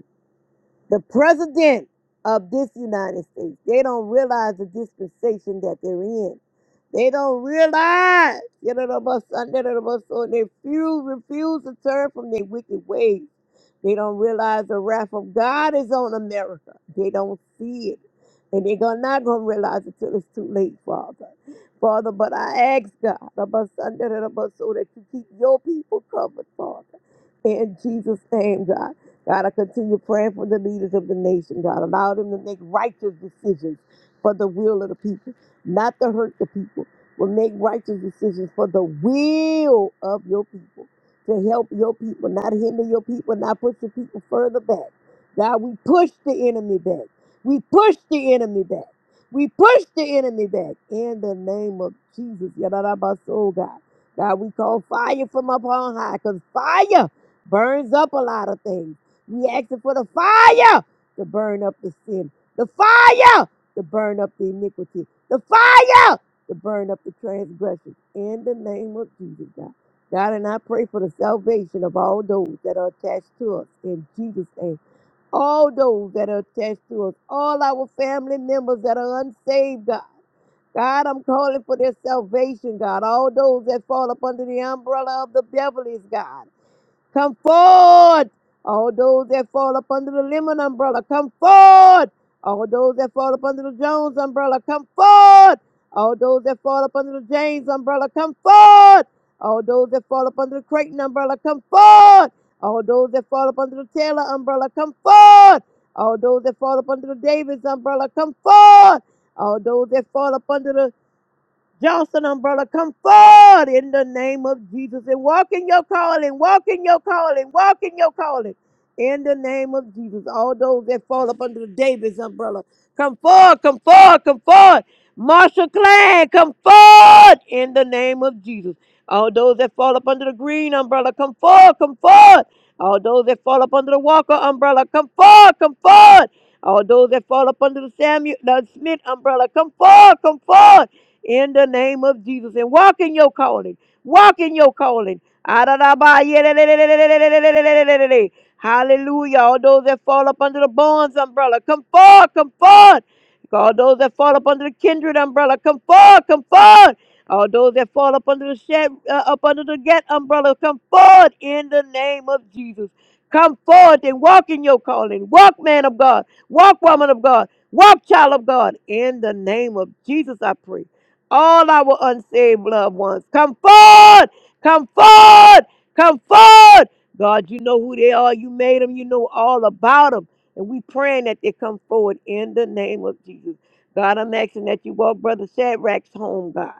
S2: the president of this United States. They don't realize the dispensation that they're in. They don't realize. you know, the bus- under the bus, so They refuse, refuse to turn from their wicked ways. They don't realize the wrath of God is on America. They don't see it. And they're gonna- not going to realize it till it's too late, Father. Father, but I ask God, the bus, under the bus, so that you keep your people covered, Father. In Jesus' name, God. God, I continue praying for the leaders of the nation. God, allow them to make righteous decisions for the will of the people, not to hurt the people, but make righteous decisions for the will of your people, to help your people, not hinder your people, not push your people further back. God, we push the enemy back. We push the enemy back. We push the enemy back in the name of Jesus. Yadadabaso, God. God, we call fire from up on high because fire burns up a lot of things. We asking for the fire to burn up the sin, the fire to burn up the iniquity, the fire to burn up the transgression. In the name of Jesus, God. God, and I pray for the salvation of all those that are attached to us in Jesus' name. All those that are attached to us, all our family members that are unsaved, God. God, I'm calling for their salvation, God. All those that fall up under the umbrella of the Beverly's, God. Come forward. All those that fall up under the Lemon umbrella, come forward. All those that fall up under the Jones umbrella, come forward. All those that fall up under the James umbrella, come forward. All those that fall up under the Creighton umbrella, come forward. All those that fall up under the Taylor umbrella, come forward. All those that fall up under the Davis umbrella, come forward. All those that fall up under the Johnson umbrella, come forward in the name of Jesus and walk in your calling, walk in your calling, walk in your calling. In the name of Jesus, all those that fall up under the Davis umbrella, come forward, come forward, come forward. Marshall Clan, come forward in the name of Jesus. All those that fall up under the green umbrella, come forward, come forward. All those that fall up under the Walker umbrella, come forward, come forward. All those that fall up under the Samuel the Smith umbrella, come forward, come forward in the name of Jesus and walk in your calling. Walk in your calling. Adadabayelelelelelelelelelelelelelelelele. Hallelujah. All those that fall up under the bonds umbrella, come forth, come forth. All those that fall up under the kindred umbrella, come forth, come forth. All those that fall up under the shed, uh, up under the get umbrella, come forward in the name of Jesus. Come forth and walk in your calling. Walk, man of God. Walk, woman of God. Walk, child of God. In the name of Jesus, I pray all our unsaved loved ones. Come forward, come forward, come forward. God, you know who they are. You made them, you know all about them. And we praying that they come forward in the name of Jesus. God, I'm asking that you walk Brother Shadrach's home, God.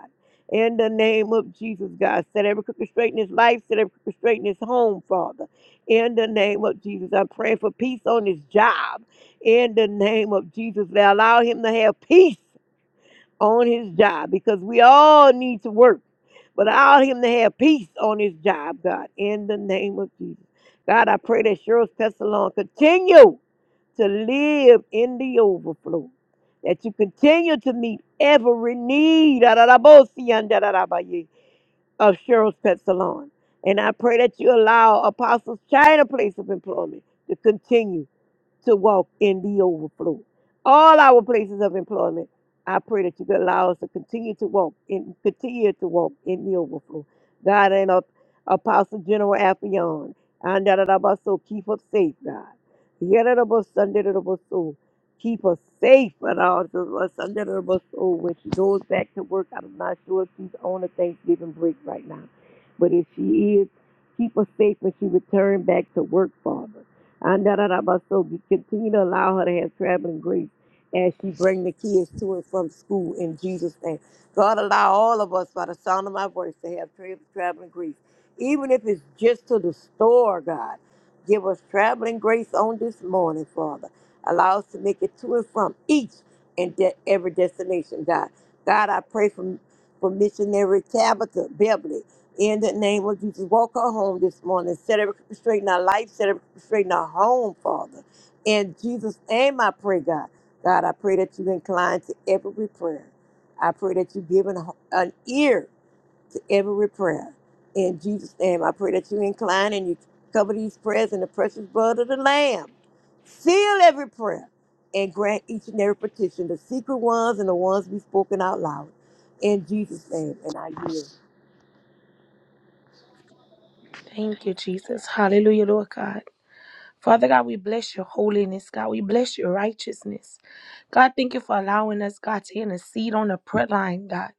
S2: In the name of Jesus, God. Set every crooked straight in his life, set every crooked straight in his home, Father. In the name of Jesus, I'm praying for peace on his job. In the name of Jesus, allow him to have peace on his job because we all need to work. But allow him to have peace on his job, God, in the name of Jesus. God, I pray that Cheryl's Pestalon continue to live in the overflow. That you continue to meet every need of Cheryl's Pestalon. And I pray that you allow Apostles China place of employment to continue to walk in the overflow. All our places of employment, I pray that you could allow us to continue to walk in, continue to walk in the overflow. God and up, Apostle General Affion, and that about so keep us safe, God. Yadadabas, sundadadabas, so Keep us safe and all of us under the bus. Oh, when she goes back to work, I'm not sure if she's on a Thanksgiving break right now. But if she is, keep us safe when she returns back to work, Father. And da da da ba. So we continue to allow her to have traveling grace as she bring the kids to and from school in Jesus' name. God, allow all of us by the sound of my voice to have tra- traveling grace, even if it's just to the store, God. Give us traveling grace on this morning, Father. Allow us to make it to and from each and de- every destination, God. God, I pray for, for missionary Tabitha Beverly. In the name of Jesus, walk her home this morning. Set her straight in our life. Set her straight in our home, Father. In Jesus' name, I pray, God. God, I pray that you incline to every prayer. I pray that you give an, an ear to every prayer. In Jesus' name, I pray that you incline and you cover these prayers in the precious blood of the Lamb. Seal every prayer and grant each and every petition, the secret ones and the ones we've spoken out loud. In Jesus' name, and I yield.
S4: Thank you, Jesus. Hallelujah, Lord God. Father God, we bless your holiness, God. We bless your righteousness. God, thank you for allowing us, God, to intercede on the prayer line, God.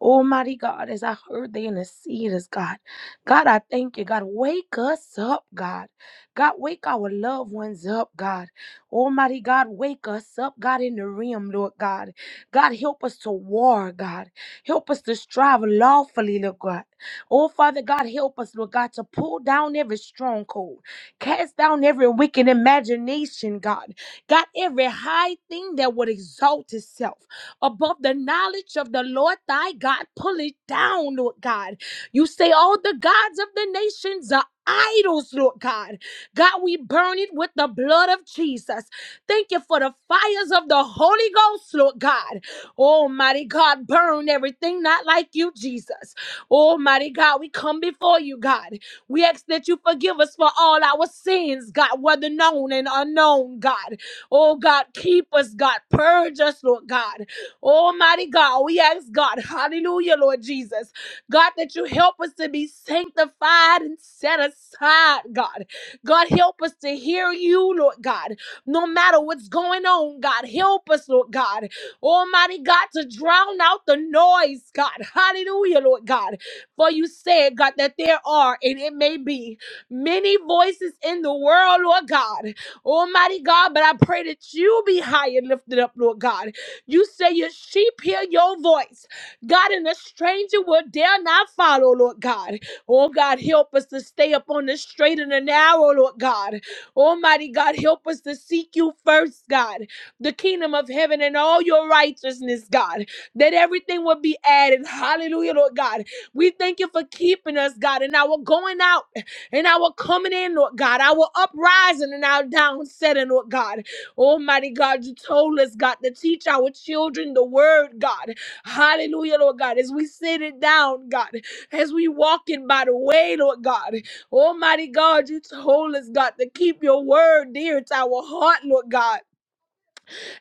S4: Almighty God, as I heard they in the interceders, God. God, I thank you. God, wake us up, God. God, wake our loved ones up, God. Almighty God, wake us up, God, in the realm, Lord God. God, help us to war, God. Help us to strive lawfully, Lord God. Oh, Father God, help us, Lord God, to pull down every stronghold, cast down every wicked imagination nation, God. God, every high thing that would exalt itself above the knowledge of the Lord thy God, pull it down, Lord God. You say all the gods of the nations are idols, Lord God. God, we burn it with the blood of Jesus. Thank you for the fires of the Holy Ghost, Lord God. Almighty God, burn everything not like you, Jesus. Almighty God, we come before you, God. We ask that you forgive us for all our sins, God, whether known and unknown, God. Oh, God, keep us, God. Purge us, Lord God. Almighty God, we ask, God, hallelujah, Lord Jesus. God, that you help us to be sanctified and set aside, God. God, help us to hear you, Lord God, no matter what's what's going on, God. Help us, Lord God. Almighty God, to drown out the noise, God. Hallelujah, Lord God. For you said, God, that there are, and it may be, many voices in the world, Lord God. Almighty God, but I pray that you be high and lifted up, Lord God. You say your sheep hear your voice. God, and a stranger will dare not follow, Lord God. Oh, God, help us to stay up on the straight and the narrow, Lord God. Almighty God, help us to seek you first, God, the kingdom of heaven and all your righteousness, God, that everything will be added. Hallelujah, Lord God. We thank you for keeping us, God, and our going out and our coming in, Lord God, our uprising and our downsetting, Lord God. Almighty God, you told us, God, to teach our children the word, God. Hallelujah, Lord God, as we sit it down, God, as we walk in by the way, Lord God. Almighty God, you told us, God, to keep your word dear to our heart, Lord God.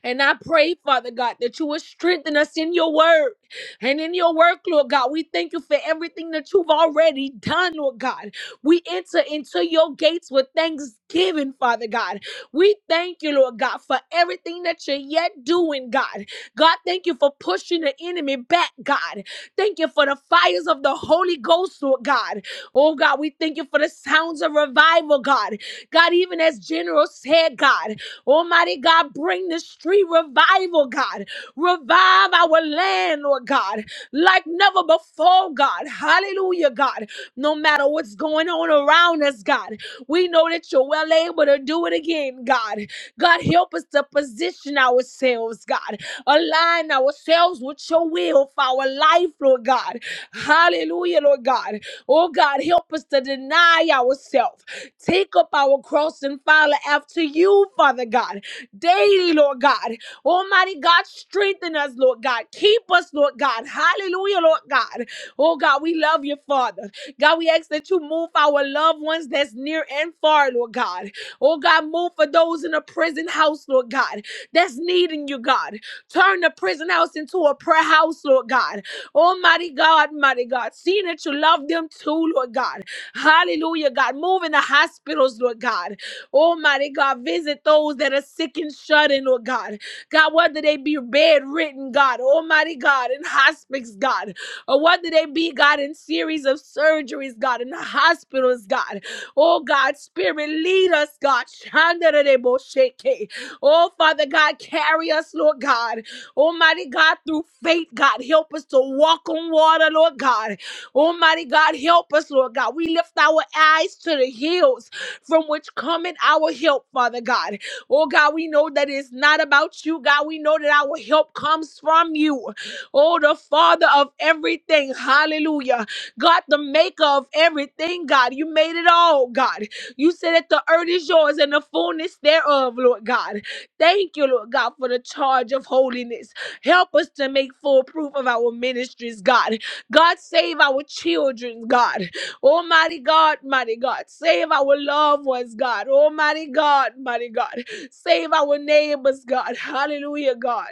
S4: And I pray, Father God, that you will strengthen us in your word and in your work, Lord God. We thank you for everything that you've already done, Lord God. We enter into your gates with thanksgiving, Father God. We thank you, Lord God, for everything that you're yet doing, God. God, thank you for pushing the enemy back, God. Thank you for the fires of the Holy Ghost, Lord God. Oh, God, we thank you for the sounds of revival, God. God, even as General said, God. Almighty God, bring this street revival, God. Revive our land, Lord God, like never before, God. Hallelujah, God. No matter what's going on around us, God. We know that you're well able to do it again, God. God, help us to position ourselves, God. Align ourselves with your will for our life, Lord God. Hallelujah, Lord God. Oh, God, help us to deny ourselves. Take up our cross and follow after you, Father God. Daily, Lord God. Almighty God, strengthen us, Lord God. Keep us, Lord God. Hallelujah, Lord God. Oh God, we love you, Father. God, we ask that you move for our loved ones that's near and far, Lord God. Oh God, move for those in a prison house, Lord God, that's needing you, God. Turn the prison house into a prayer house, Lord God. Almighty God, mighty God, seeing that you love them too, school, Lord God. Hallelujah, God. Move in the hospitals, Lord God. Almighty God, visit those that are sick and shut in, Lord God. God, whether they be bedridden, God, Almighty God, in hospice, God, or whether they be, God, in series of surgeries, God, in the hospitals, God. Oh, God, Spirit, lead us, God. Shandarebo-shake. Oh, Father God, carry us, Lord God. Almighty God, through faith, God, help us to walk on water, Lord God. Almighty God, help us, Lord God. We lift our eyes to the hills from which cometh our help, Father God. Oh God, we know that it's not about you, God. We know that our help comes from you. Oh, the Father of everything. Hallelujah. God, the maker of everything, God. You made it all, God. You said that the earth is yours and the fullness thereof, Lord God. Thank you, Lord God, for the charge of holiness. Help us to make full proof of our ministries, God. God, save our children, God. Almighty God, mighty God, save our loved ones, God. Almighty God, mighty God, save our neighbors, God. Hallelujah, God.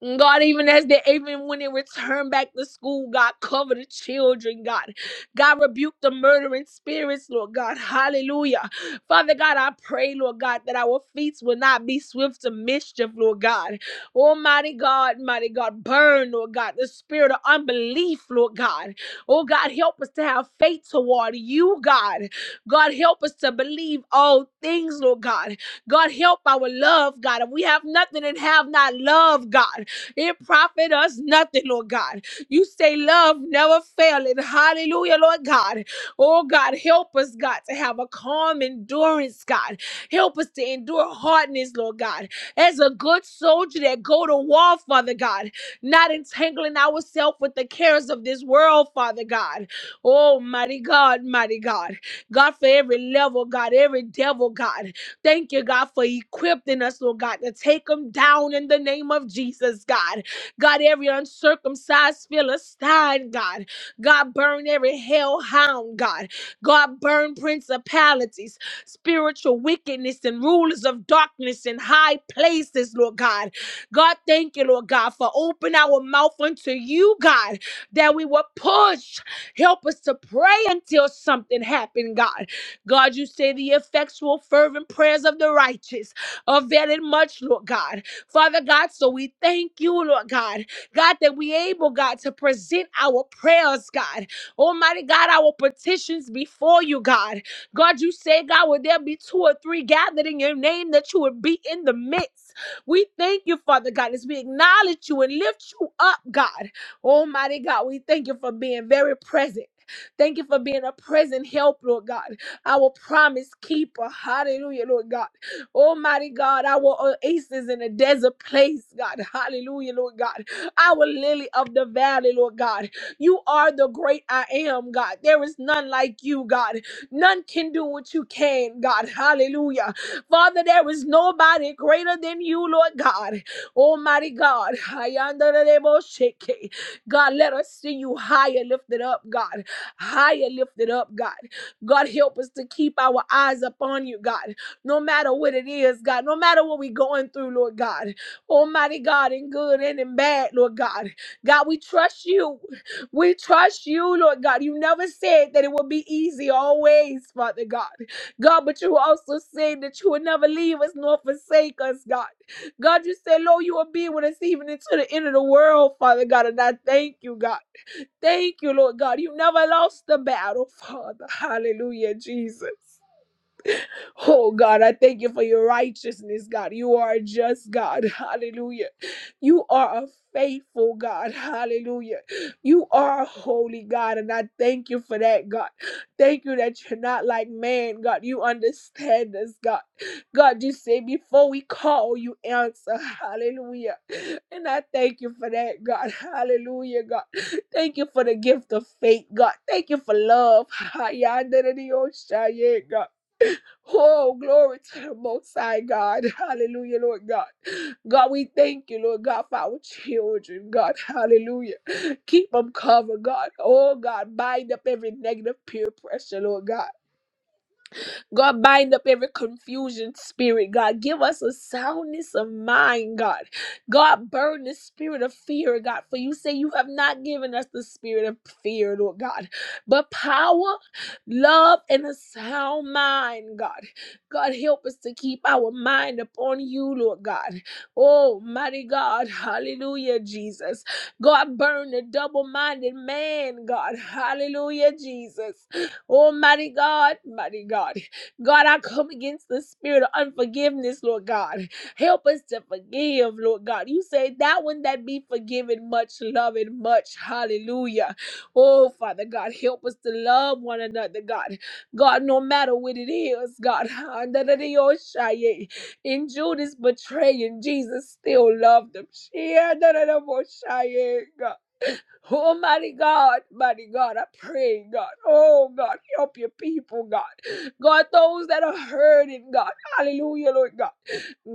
S4: God, even as they even when they return back to school, God, cover the children, God. God, rebuke the murdering spirits, Lord God. Hallelujah. Father God, I pray, Lord God, that our feet will not be swift to mischief, Lord God. Almighty God, mighty God, burn, Lord God, the spirit of unbelief, Lord God. Oh God, help us to have faith toward you, God. God, help us to believe all things, Lord God. God, help our love, God. If we have nothing and have not love, God, it profit us nothing, Lord God. You say love never faileth. Hallelujah, Lord God. Oh, God, help us, God, to have a calm endurance, God. Help us to endure hardness, Lord God. As a good soldier that go to war, Father God, not entangling ourselves with the cares of this world, Father God. Oh, mighty God, mighty God. God, God, for every level, God, every devil, God. Thank you, God, for equipping us, Lord God, to take them down in the name of Jesus, God. God, every uncircumcised Philistine, God. God, burn every hellhound, God. God, burn principalities, spiritual wickedness, and rulers of darkness in high places, Lord God. God, thank you, Lord God, for open our mouth unto you, God, that we will push. Help us to pray until something happened, God. God, you say the effectual, fervent prayers of the righteous avail much, Lord God. Father God, so we thank you, Lord God. God, that we able, God, to present our prayers, God. Almighty God, our petitions before you, God. God, you say, God, would there be two or three gathered in your name that you would be in the midst? We thank you, Father God, as we acknowledge you and lift you up, God. Almighty God, we thank you for being very present. Thank you for being a present help, Lord God our promise keeper. Hallelujah, Lord God. Almighty God, our oasis in a desert place, God. Hallelujah, Lord God. Our lily of the valley, Lord God. You are the great I am, God. There is none like you, God. None can do what you can, God. Hallelujah. Father, there is nobody greater than you, Lord God. Almighty God, Hayandareboseke. God, let us see you higher lifted up, God. Higher lifted up, God. God, help us to keep our eyes upon you, God. No matter what it is, God. No matter what we're going through, Lord God. Almighty God, in good and in bad, Lord God. God, we trust you. We trust you, Lord God. You never said that it would be easy always, Father God. God, but you also said that you would never leave us nor forsake us, God. God, you said, Lord, you will be with us even into the end of the world, Father God. And I thank you, God. Thank you, Lord God. You never lost the battle, Father. Hallelujah, Jesus. Oh God, I thank you for your righteousness, God. You are a just God. Hallelujah. You are a faithful God. Hallelujah. You are a holy God. And I thank you for that, God. Thank you that you're not like man, God. You understand us, God. God, you say before we call, you answer. Hallelujah. And I thank you for that, God. Hallelujah, God. Thank you for the gift of faith, God. Thank you for love. God. Oh, glory to the Most High God. Hallelujah, Lord God. God, we thank you, Lord God, for our children, God. Hallelujah. Keep them covered, God. Oh, God, bind up every negative peer pressure, Lord God. God, bind up every confusion spirit, God. Give us a soundness of mind, God. God, burn the spirit of fear, God. For you say you have not given us the spirit of fear, Lord God, but power, love, and a sound mind, God. God, help us to keep our mind upon you, Lord God. Oh, mighty God. Hallelujah, Jesus. God, burn the double minded man, God. Hallelujah, Jesus. Almighty God, mighty God. God, I come against the spirit of unforgiveness, Lord God. Help us to forgive, Lord God. You say that one that be forgiven much, love it much. Hallelujah. Oh, Father God, help us to love one another, God. God, no matter what it is, God. In Judas betraying, Jesus still loved them. Oh, mighty God, mighty God, I pray, God. Oh, God, help your people, God. God, those that are hurting, God. Hallelujah, Lord God.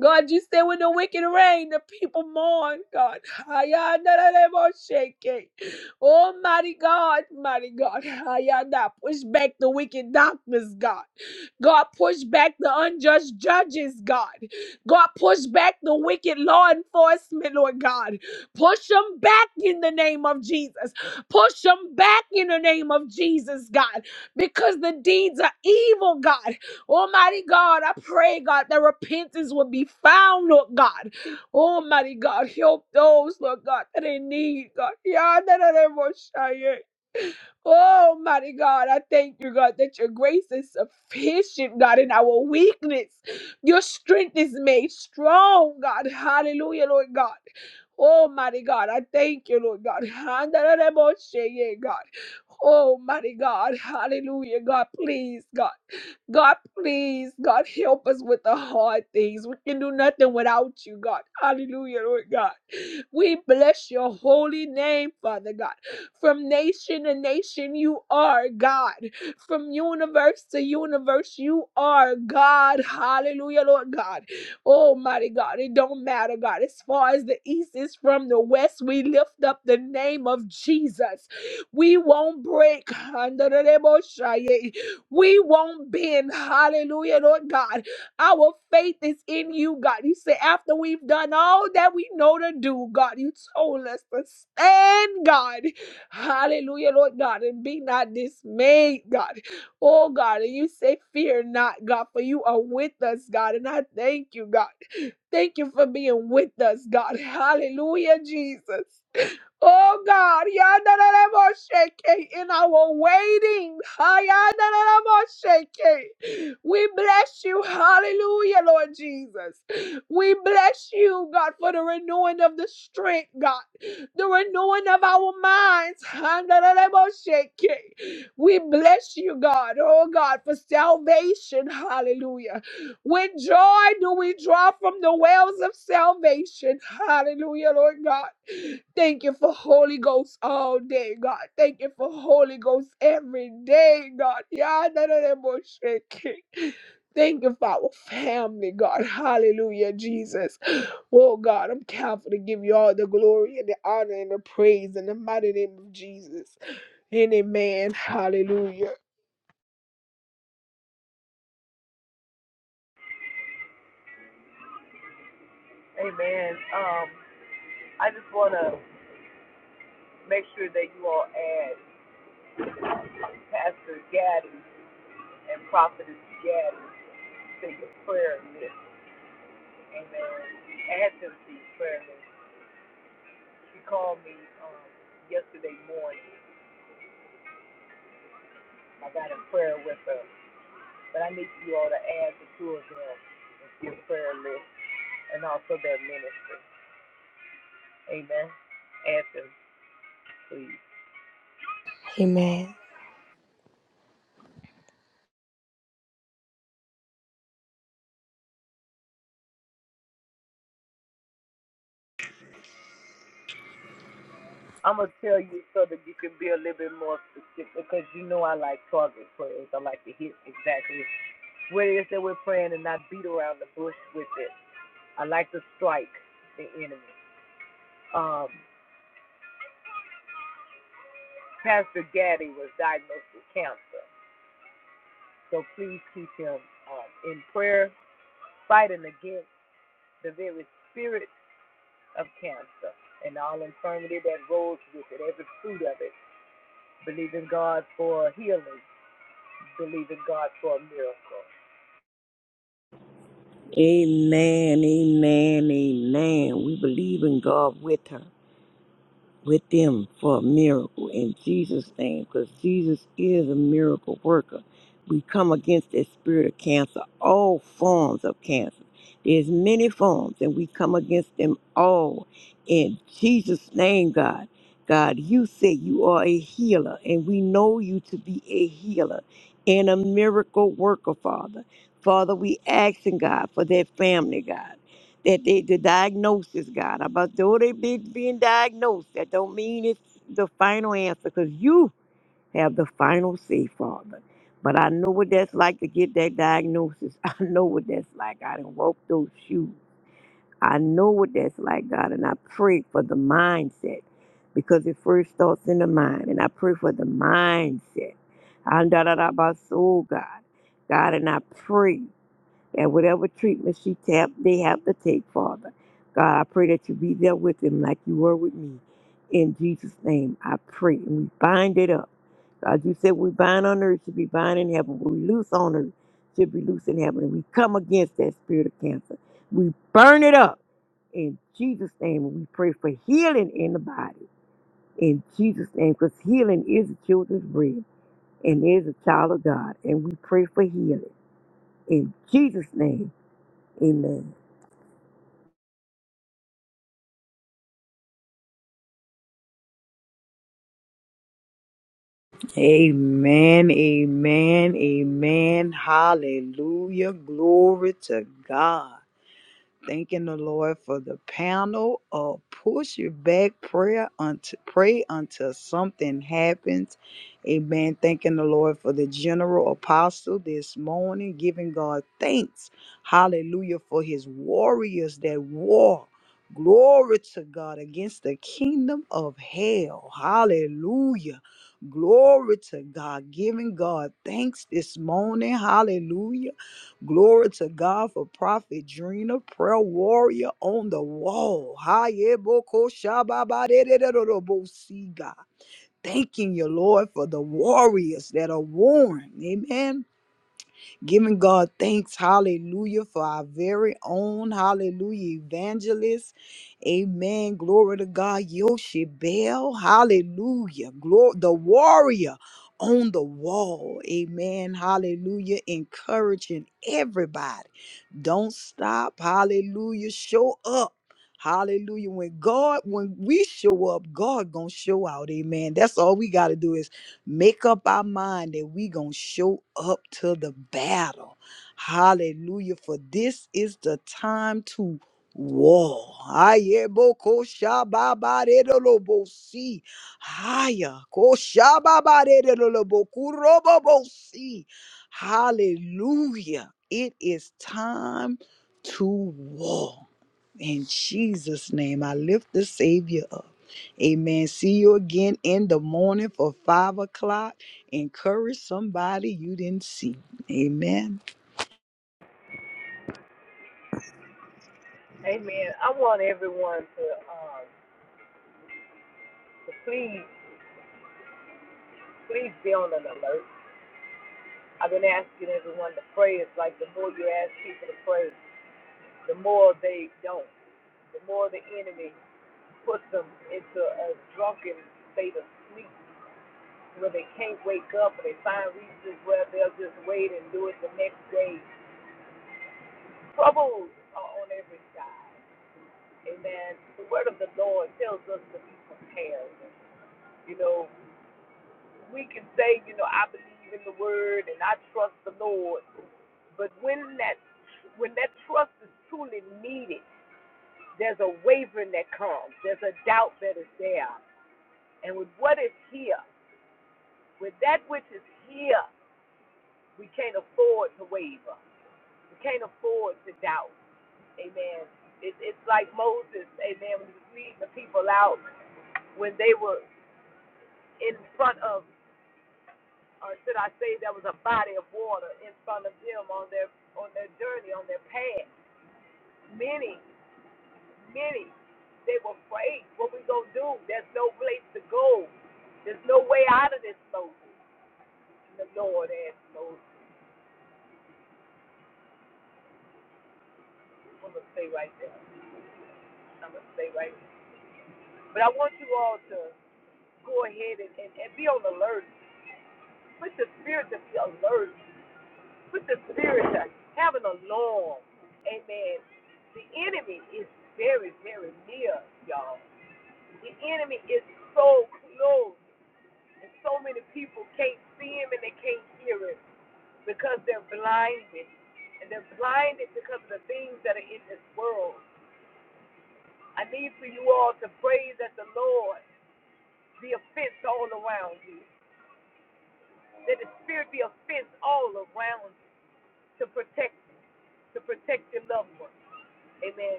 S4: God, you said when the wicked reign, the people mourn, God. Ayandaremoshake. Almighty God, mighty God. Ayanda, push back the wicked doctors, God. God, push back the unjust judges, God. God, push back the wicked law enforcement, Lord God. Push them back in the name of Jesus. Push them back in the name of Jesus, God. Because the deeds are evil, God. Almighty God, I pray, God, that repentance will be found, Lord God. Almighty God, help those, Lord God, that they need, God. Yeah, that I never will shy it. Almighty God, I thank you, God, that your grace is sufficient, God, in our weakness. Your strength is made strong, God. Hallelujah, Lord God. Almighty God, I thank you, Lord God. Hand that I never will shy it, God. Almighty God, hallelujah, God, please, God. God, please, God, help us with the hard things. We can do nothing without you, God. Hallelujah, Lord God. We bless your holy name, Father God. From nation to nation, you are God. From universe to universe, you are God. Hallelujah, Lord God. Almighty God, it don't matter, God. As far as the east is from the west, we lift up the name of Jesus. We won't break. We won't bend. Hallelujah, Lord God. Our faith is in you, God. You say, after we've done all that we know to do, God, you told us to stand, God. Hallelujah, Lord God, and be not dismayed, God. Oh, God, and you say, fear not, God, for you are with us, God. And I thank you, God. Thank you for being with us, God. Hallelujah, Jesus. Oh God, Yandarabashake, in our waiting, Hayandarabashake, we bless you. Hallelujah, Lord Jesus. We bless you, God, for the renewing of the strength, God, the renewing of our minds. Handarabashake. We bless you, God, oh God, for salvation. Hallelujah. With joy do we draw from the wells of salvation. Hallelujah, Lord God. Thank you for Holy Ghost all day, God. Thank you for Holy Ghost every day, God. Yeah, none of that bullshit. Thank you for our family, God. Hallelujah, Jesus. Oh, God, I'm careful to give you all the glory and the honor and the praise in the mighty name of Jesus. And amen. Hallelujah. Amen.
S2: Amen, amen, amen. We believe in God with her with them for a miracle in Jesus' name because Jesus is a miracle worker. We come against that spirit of cancer, all forms of cancer. There's many forms, and we come against them all in Jesus' name, God. God, you say you are a healer, and we know you to be a healer and a miracle worker, Father. Father, we asking God for that family, God that they, the diagnosis, God, about though they be being diagnosed, that don't mean it's the final answer because you have the final say, Father. But I know what that's like to get that diagnosis. I know what that's like. I done walked those shoes. I know what that's like, God, and I pray for the mindset because it first starts in the mind, and I pray for the mindset. And da da da about soul, God, God, and I pray and whatever treatment she tap they have to take, Father. God, I pray that you be there with them like you were with me. In Jesus' name, I pray. And we bind it up. God, you said we bind on earth should be bind in heaven. What we loose on earth should be loose in heaven. And we come against that spirit of cancer. We burn it up. In Jesus' name, we pray for healing in the body. In Jesus' name, because healing is the children's bread and is a child of God. And we pray for healing. In Jesus' name, amen.
S3: Amen, amen, amen. Hallelujah. Glory to God. Thanking the Lord for the panel of push your back prayer until pray until something happens. Amen. Thanking the Lord for the general apostle this morning, giving God thanks. Hallelujah for his warriors that war. Glory to God against the kingdom of hell. Hallelujah. Glory to God. Giving God thanks this morning. Hallelujah Glory to God for Prophet Drina, prayer warrior on the wall. Hayeboko shababadededededebo, See God. Thanking you, Lord, for the warriors that are worn. Amen Giving God thanks, hallelujah, for our very own, hallelujah, evangelist. Amen. Glory to God. Yoshibel, hallelujah. Glory, the warrior on the wall. Amen. Hallelujah. Encouraging everybody. Don't stop. Hallelujah. Show up. Hallelujah. When God, when we show up, God gonna show out. Amen. That's all we gotta do is make up our mind that we going to show up to the battle. Hallelujah. For this is the time to war. Ayeboko shababaredolobosi. Haya. Ko shababaredolobokurobobosi. Hallelujah. It is time to war. In Jesus' name, I lift the Savior up. Amen. See you again in the morning for five o'clock. Encourage somebody you didn't see. Amen.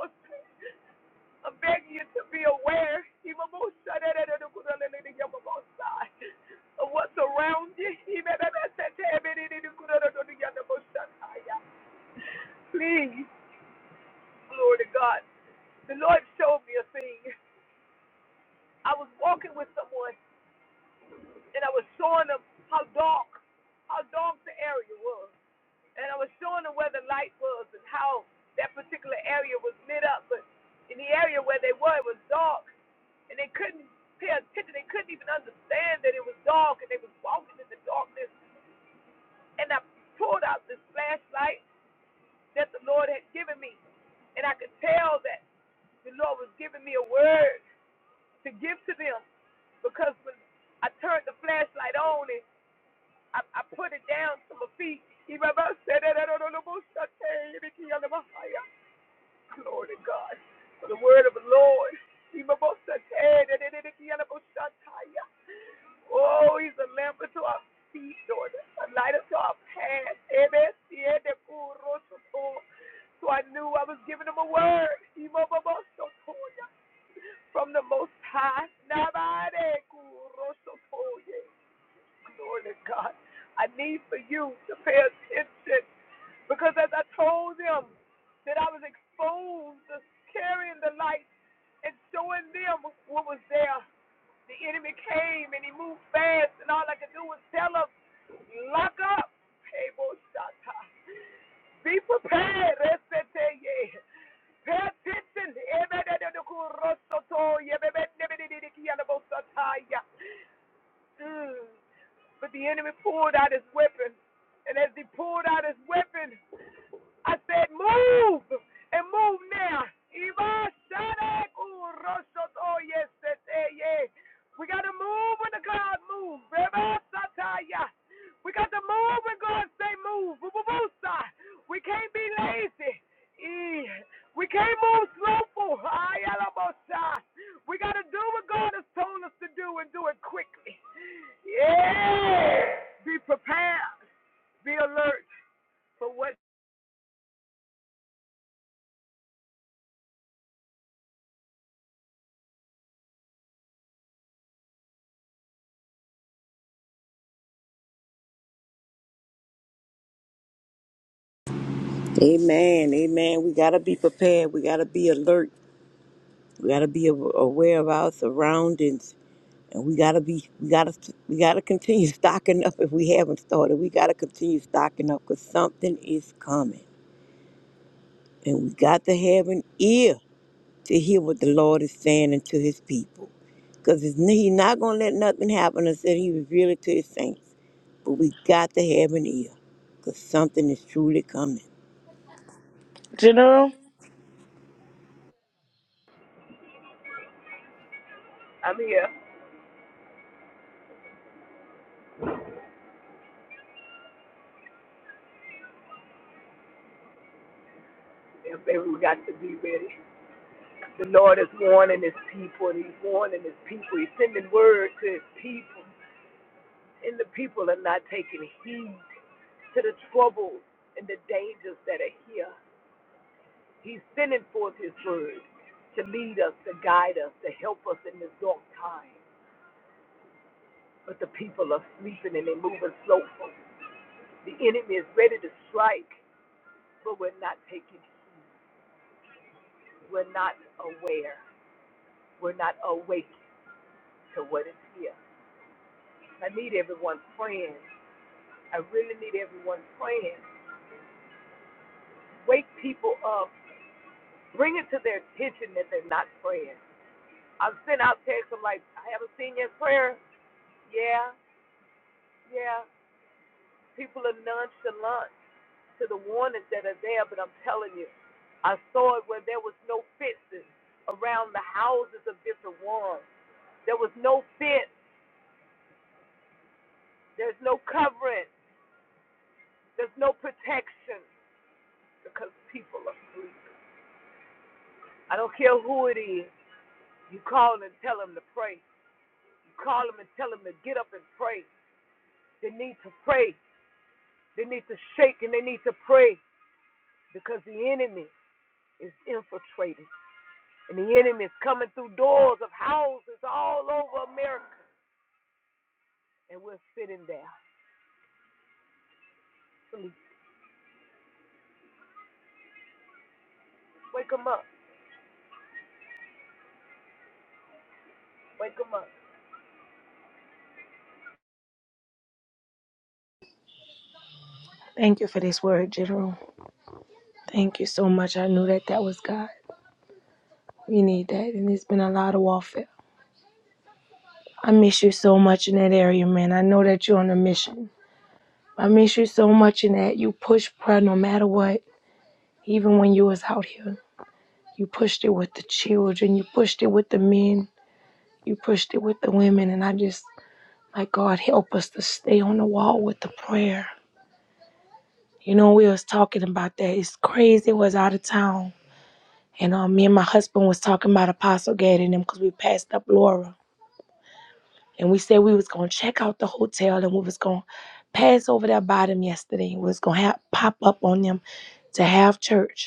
S1: must see. I'm begging you to be aware of what's around you. And I was down to my feet. Glory to God. For the word of the Lord. Oh, yes. From the most. Lord and God, I need for you to pay attention because as I told them that I was exposed to carrying the light and showing them what was there, the enemy came and he moved fast, and all I could do was tell them, lock up, table shata. Be prepared, Eseteye. Pay attention. Ebededekurosoto, Mm. But the enemy pulled out his weapon. And as he pulled out his weapon, I said, Move! And move now. e We got to move when the God moves. Reba we got to move when God say move. We can't be lazy. Eh, We can't move slowful. We got to do what God has told us to do and do it quickly. Yeah. Be prepared. Be alert for what
S2: Amen. Amen. We got to be prepared. We got to be alert. We got to be a- aware of our surroundings. And we got to be, we got to, we got to continue stocking up if we haven't started. We got to continue stocking up because something is coming. And we got to have an ear to hear what the Lord is saying unto his people. Because he's not going to let nothing happen until he reveal it to his saints. But we got to have an ear because something is truly coming.
S1: no fear is infiltrating. And the enemy is coming through doors of houses all over America. And we're sitting there. Please wake them up. Wake them up.
S4: Thank you for this word, General. Thank you so much. I knew that that was God. We need that, and it's been a lot of warfare. I miss you so much in that area, man. I know that you're on a mission. I miss you so much in that you pushed pride no matter what. Even when you was out here, you pushed it with the children, you pushed it with the men, you pushed it with the women, and I just like God help us to stay on the wall with the prayer. You know, we was talking about that. It's crazy. It was out of town, and um, me and my husband was talking about Apostle Gad and them because we passed up Laura, and we said we was gonna check out the hotel and we was gonna pass over there by them yesterday. We was gonna have, pop up on them to have church.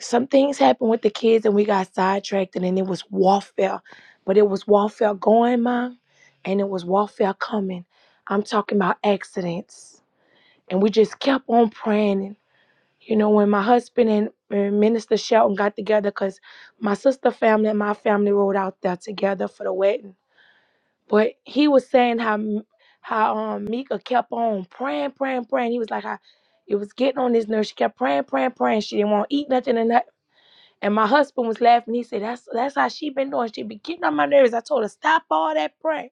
S4: some things happened with the kids and we got sidetracked and then it was warfare but it was warfare going mom and it was warfare coming i'm talking about accidents and we just kept on praying and you know when my husband and and minister shelton got together because my sister family and my family rode out there together for the wedding but he was saying how M- how um mika kept on praying praying praying he was like "I, it was getting on his nerves she kept praying praying praying she didn't want to eat nothing and nothing and my husband was laughing. He said, "That's that's how she been doing. She been getting on my nerves." I told her, "Stop all that prayer."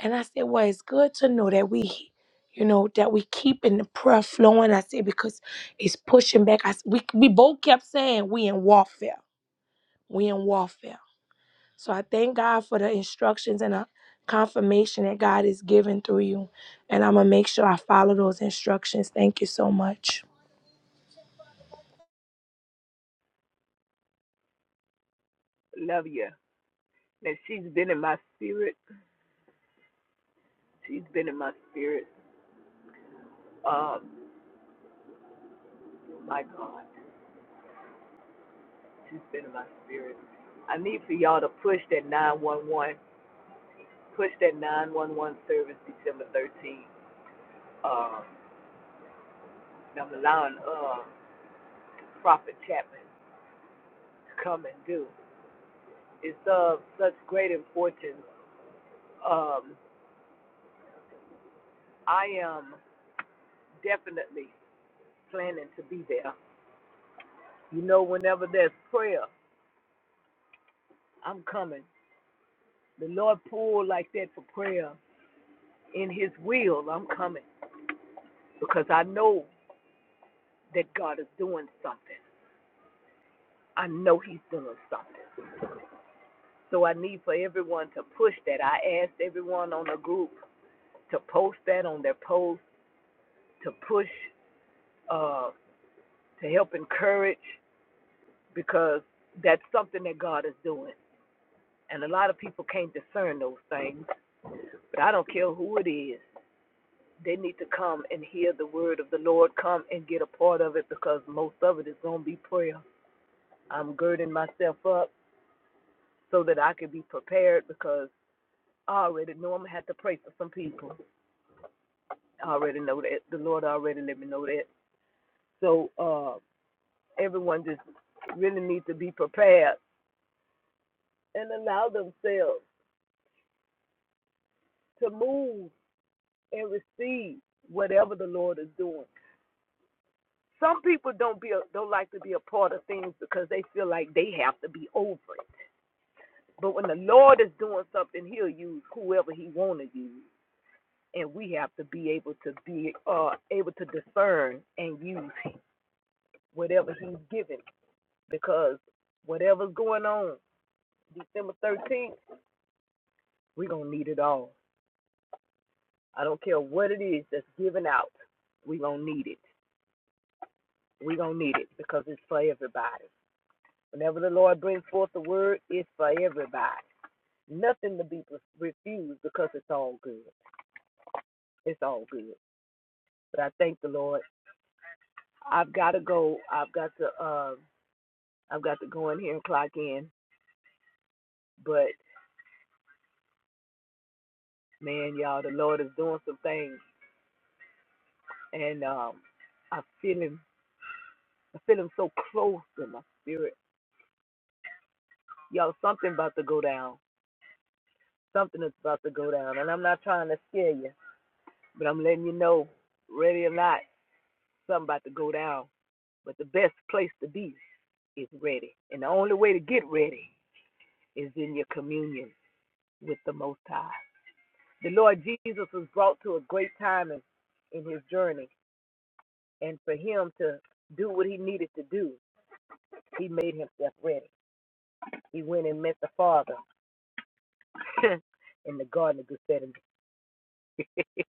S4: And I said, "Well, it's good to know that we, you know, that we keeping the prayer flowing." I said because it's pushing back. I s- we we both kept saying we in warfare. We in warfare. So I thank God for the instructions and the confirmation that God is giving through you. And I'm gonna make sure I follow those instructions. Thank you so much,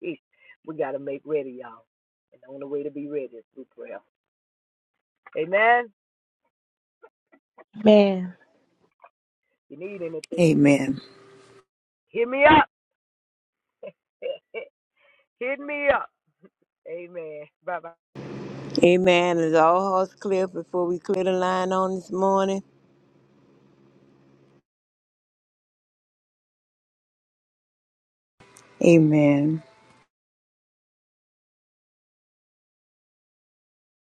S1: We got to make ready, y'all. And the only way to be ready is through prayer. Amen. If
S4: man.
S1: you need anything,
S3: Amen.
S1: hit me up. Hit me up. Amen. Bye bye.
S2: Amen. Is all hearts clear before we clear the line on this morning?
S3: Amen.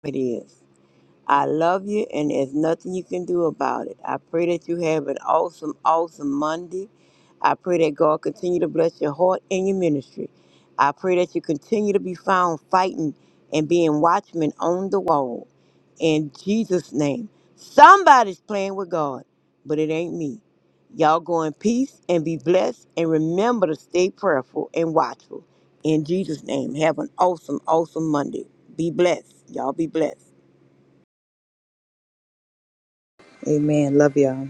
S2: It is. I love you, and there's nothing you can do about it. I pray that you have an awesome, awesome Monday. I pray that God continue to bless your heart and your ministry. I pray that you continue to be found fighting and being watchmen on the wall. In Jesus' name. Somebody's playing with God, but it ain't me. Y'all go in peace and be blessed, and remember to stay prayerful and watchful. In Jesus' name, have an awesome, awesome Monday. Be blessed. Y'all be blessed.
S3: Amen. Love y'all.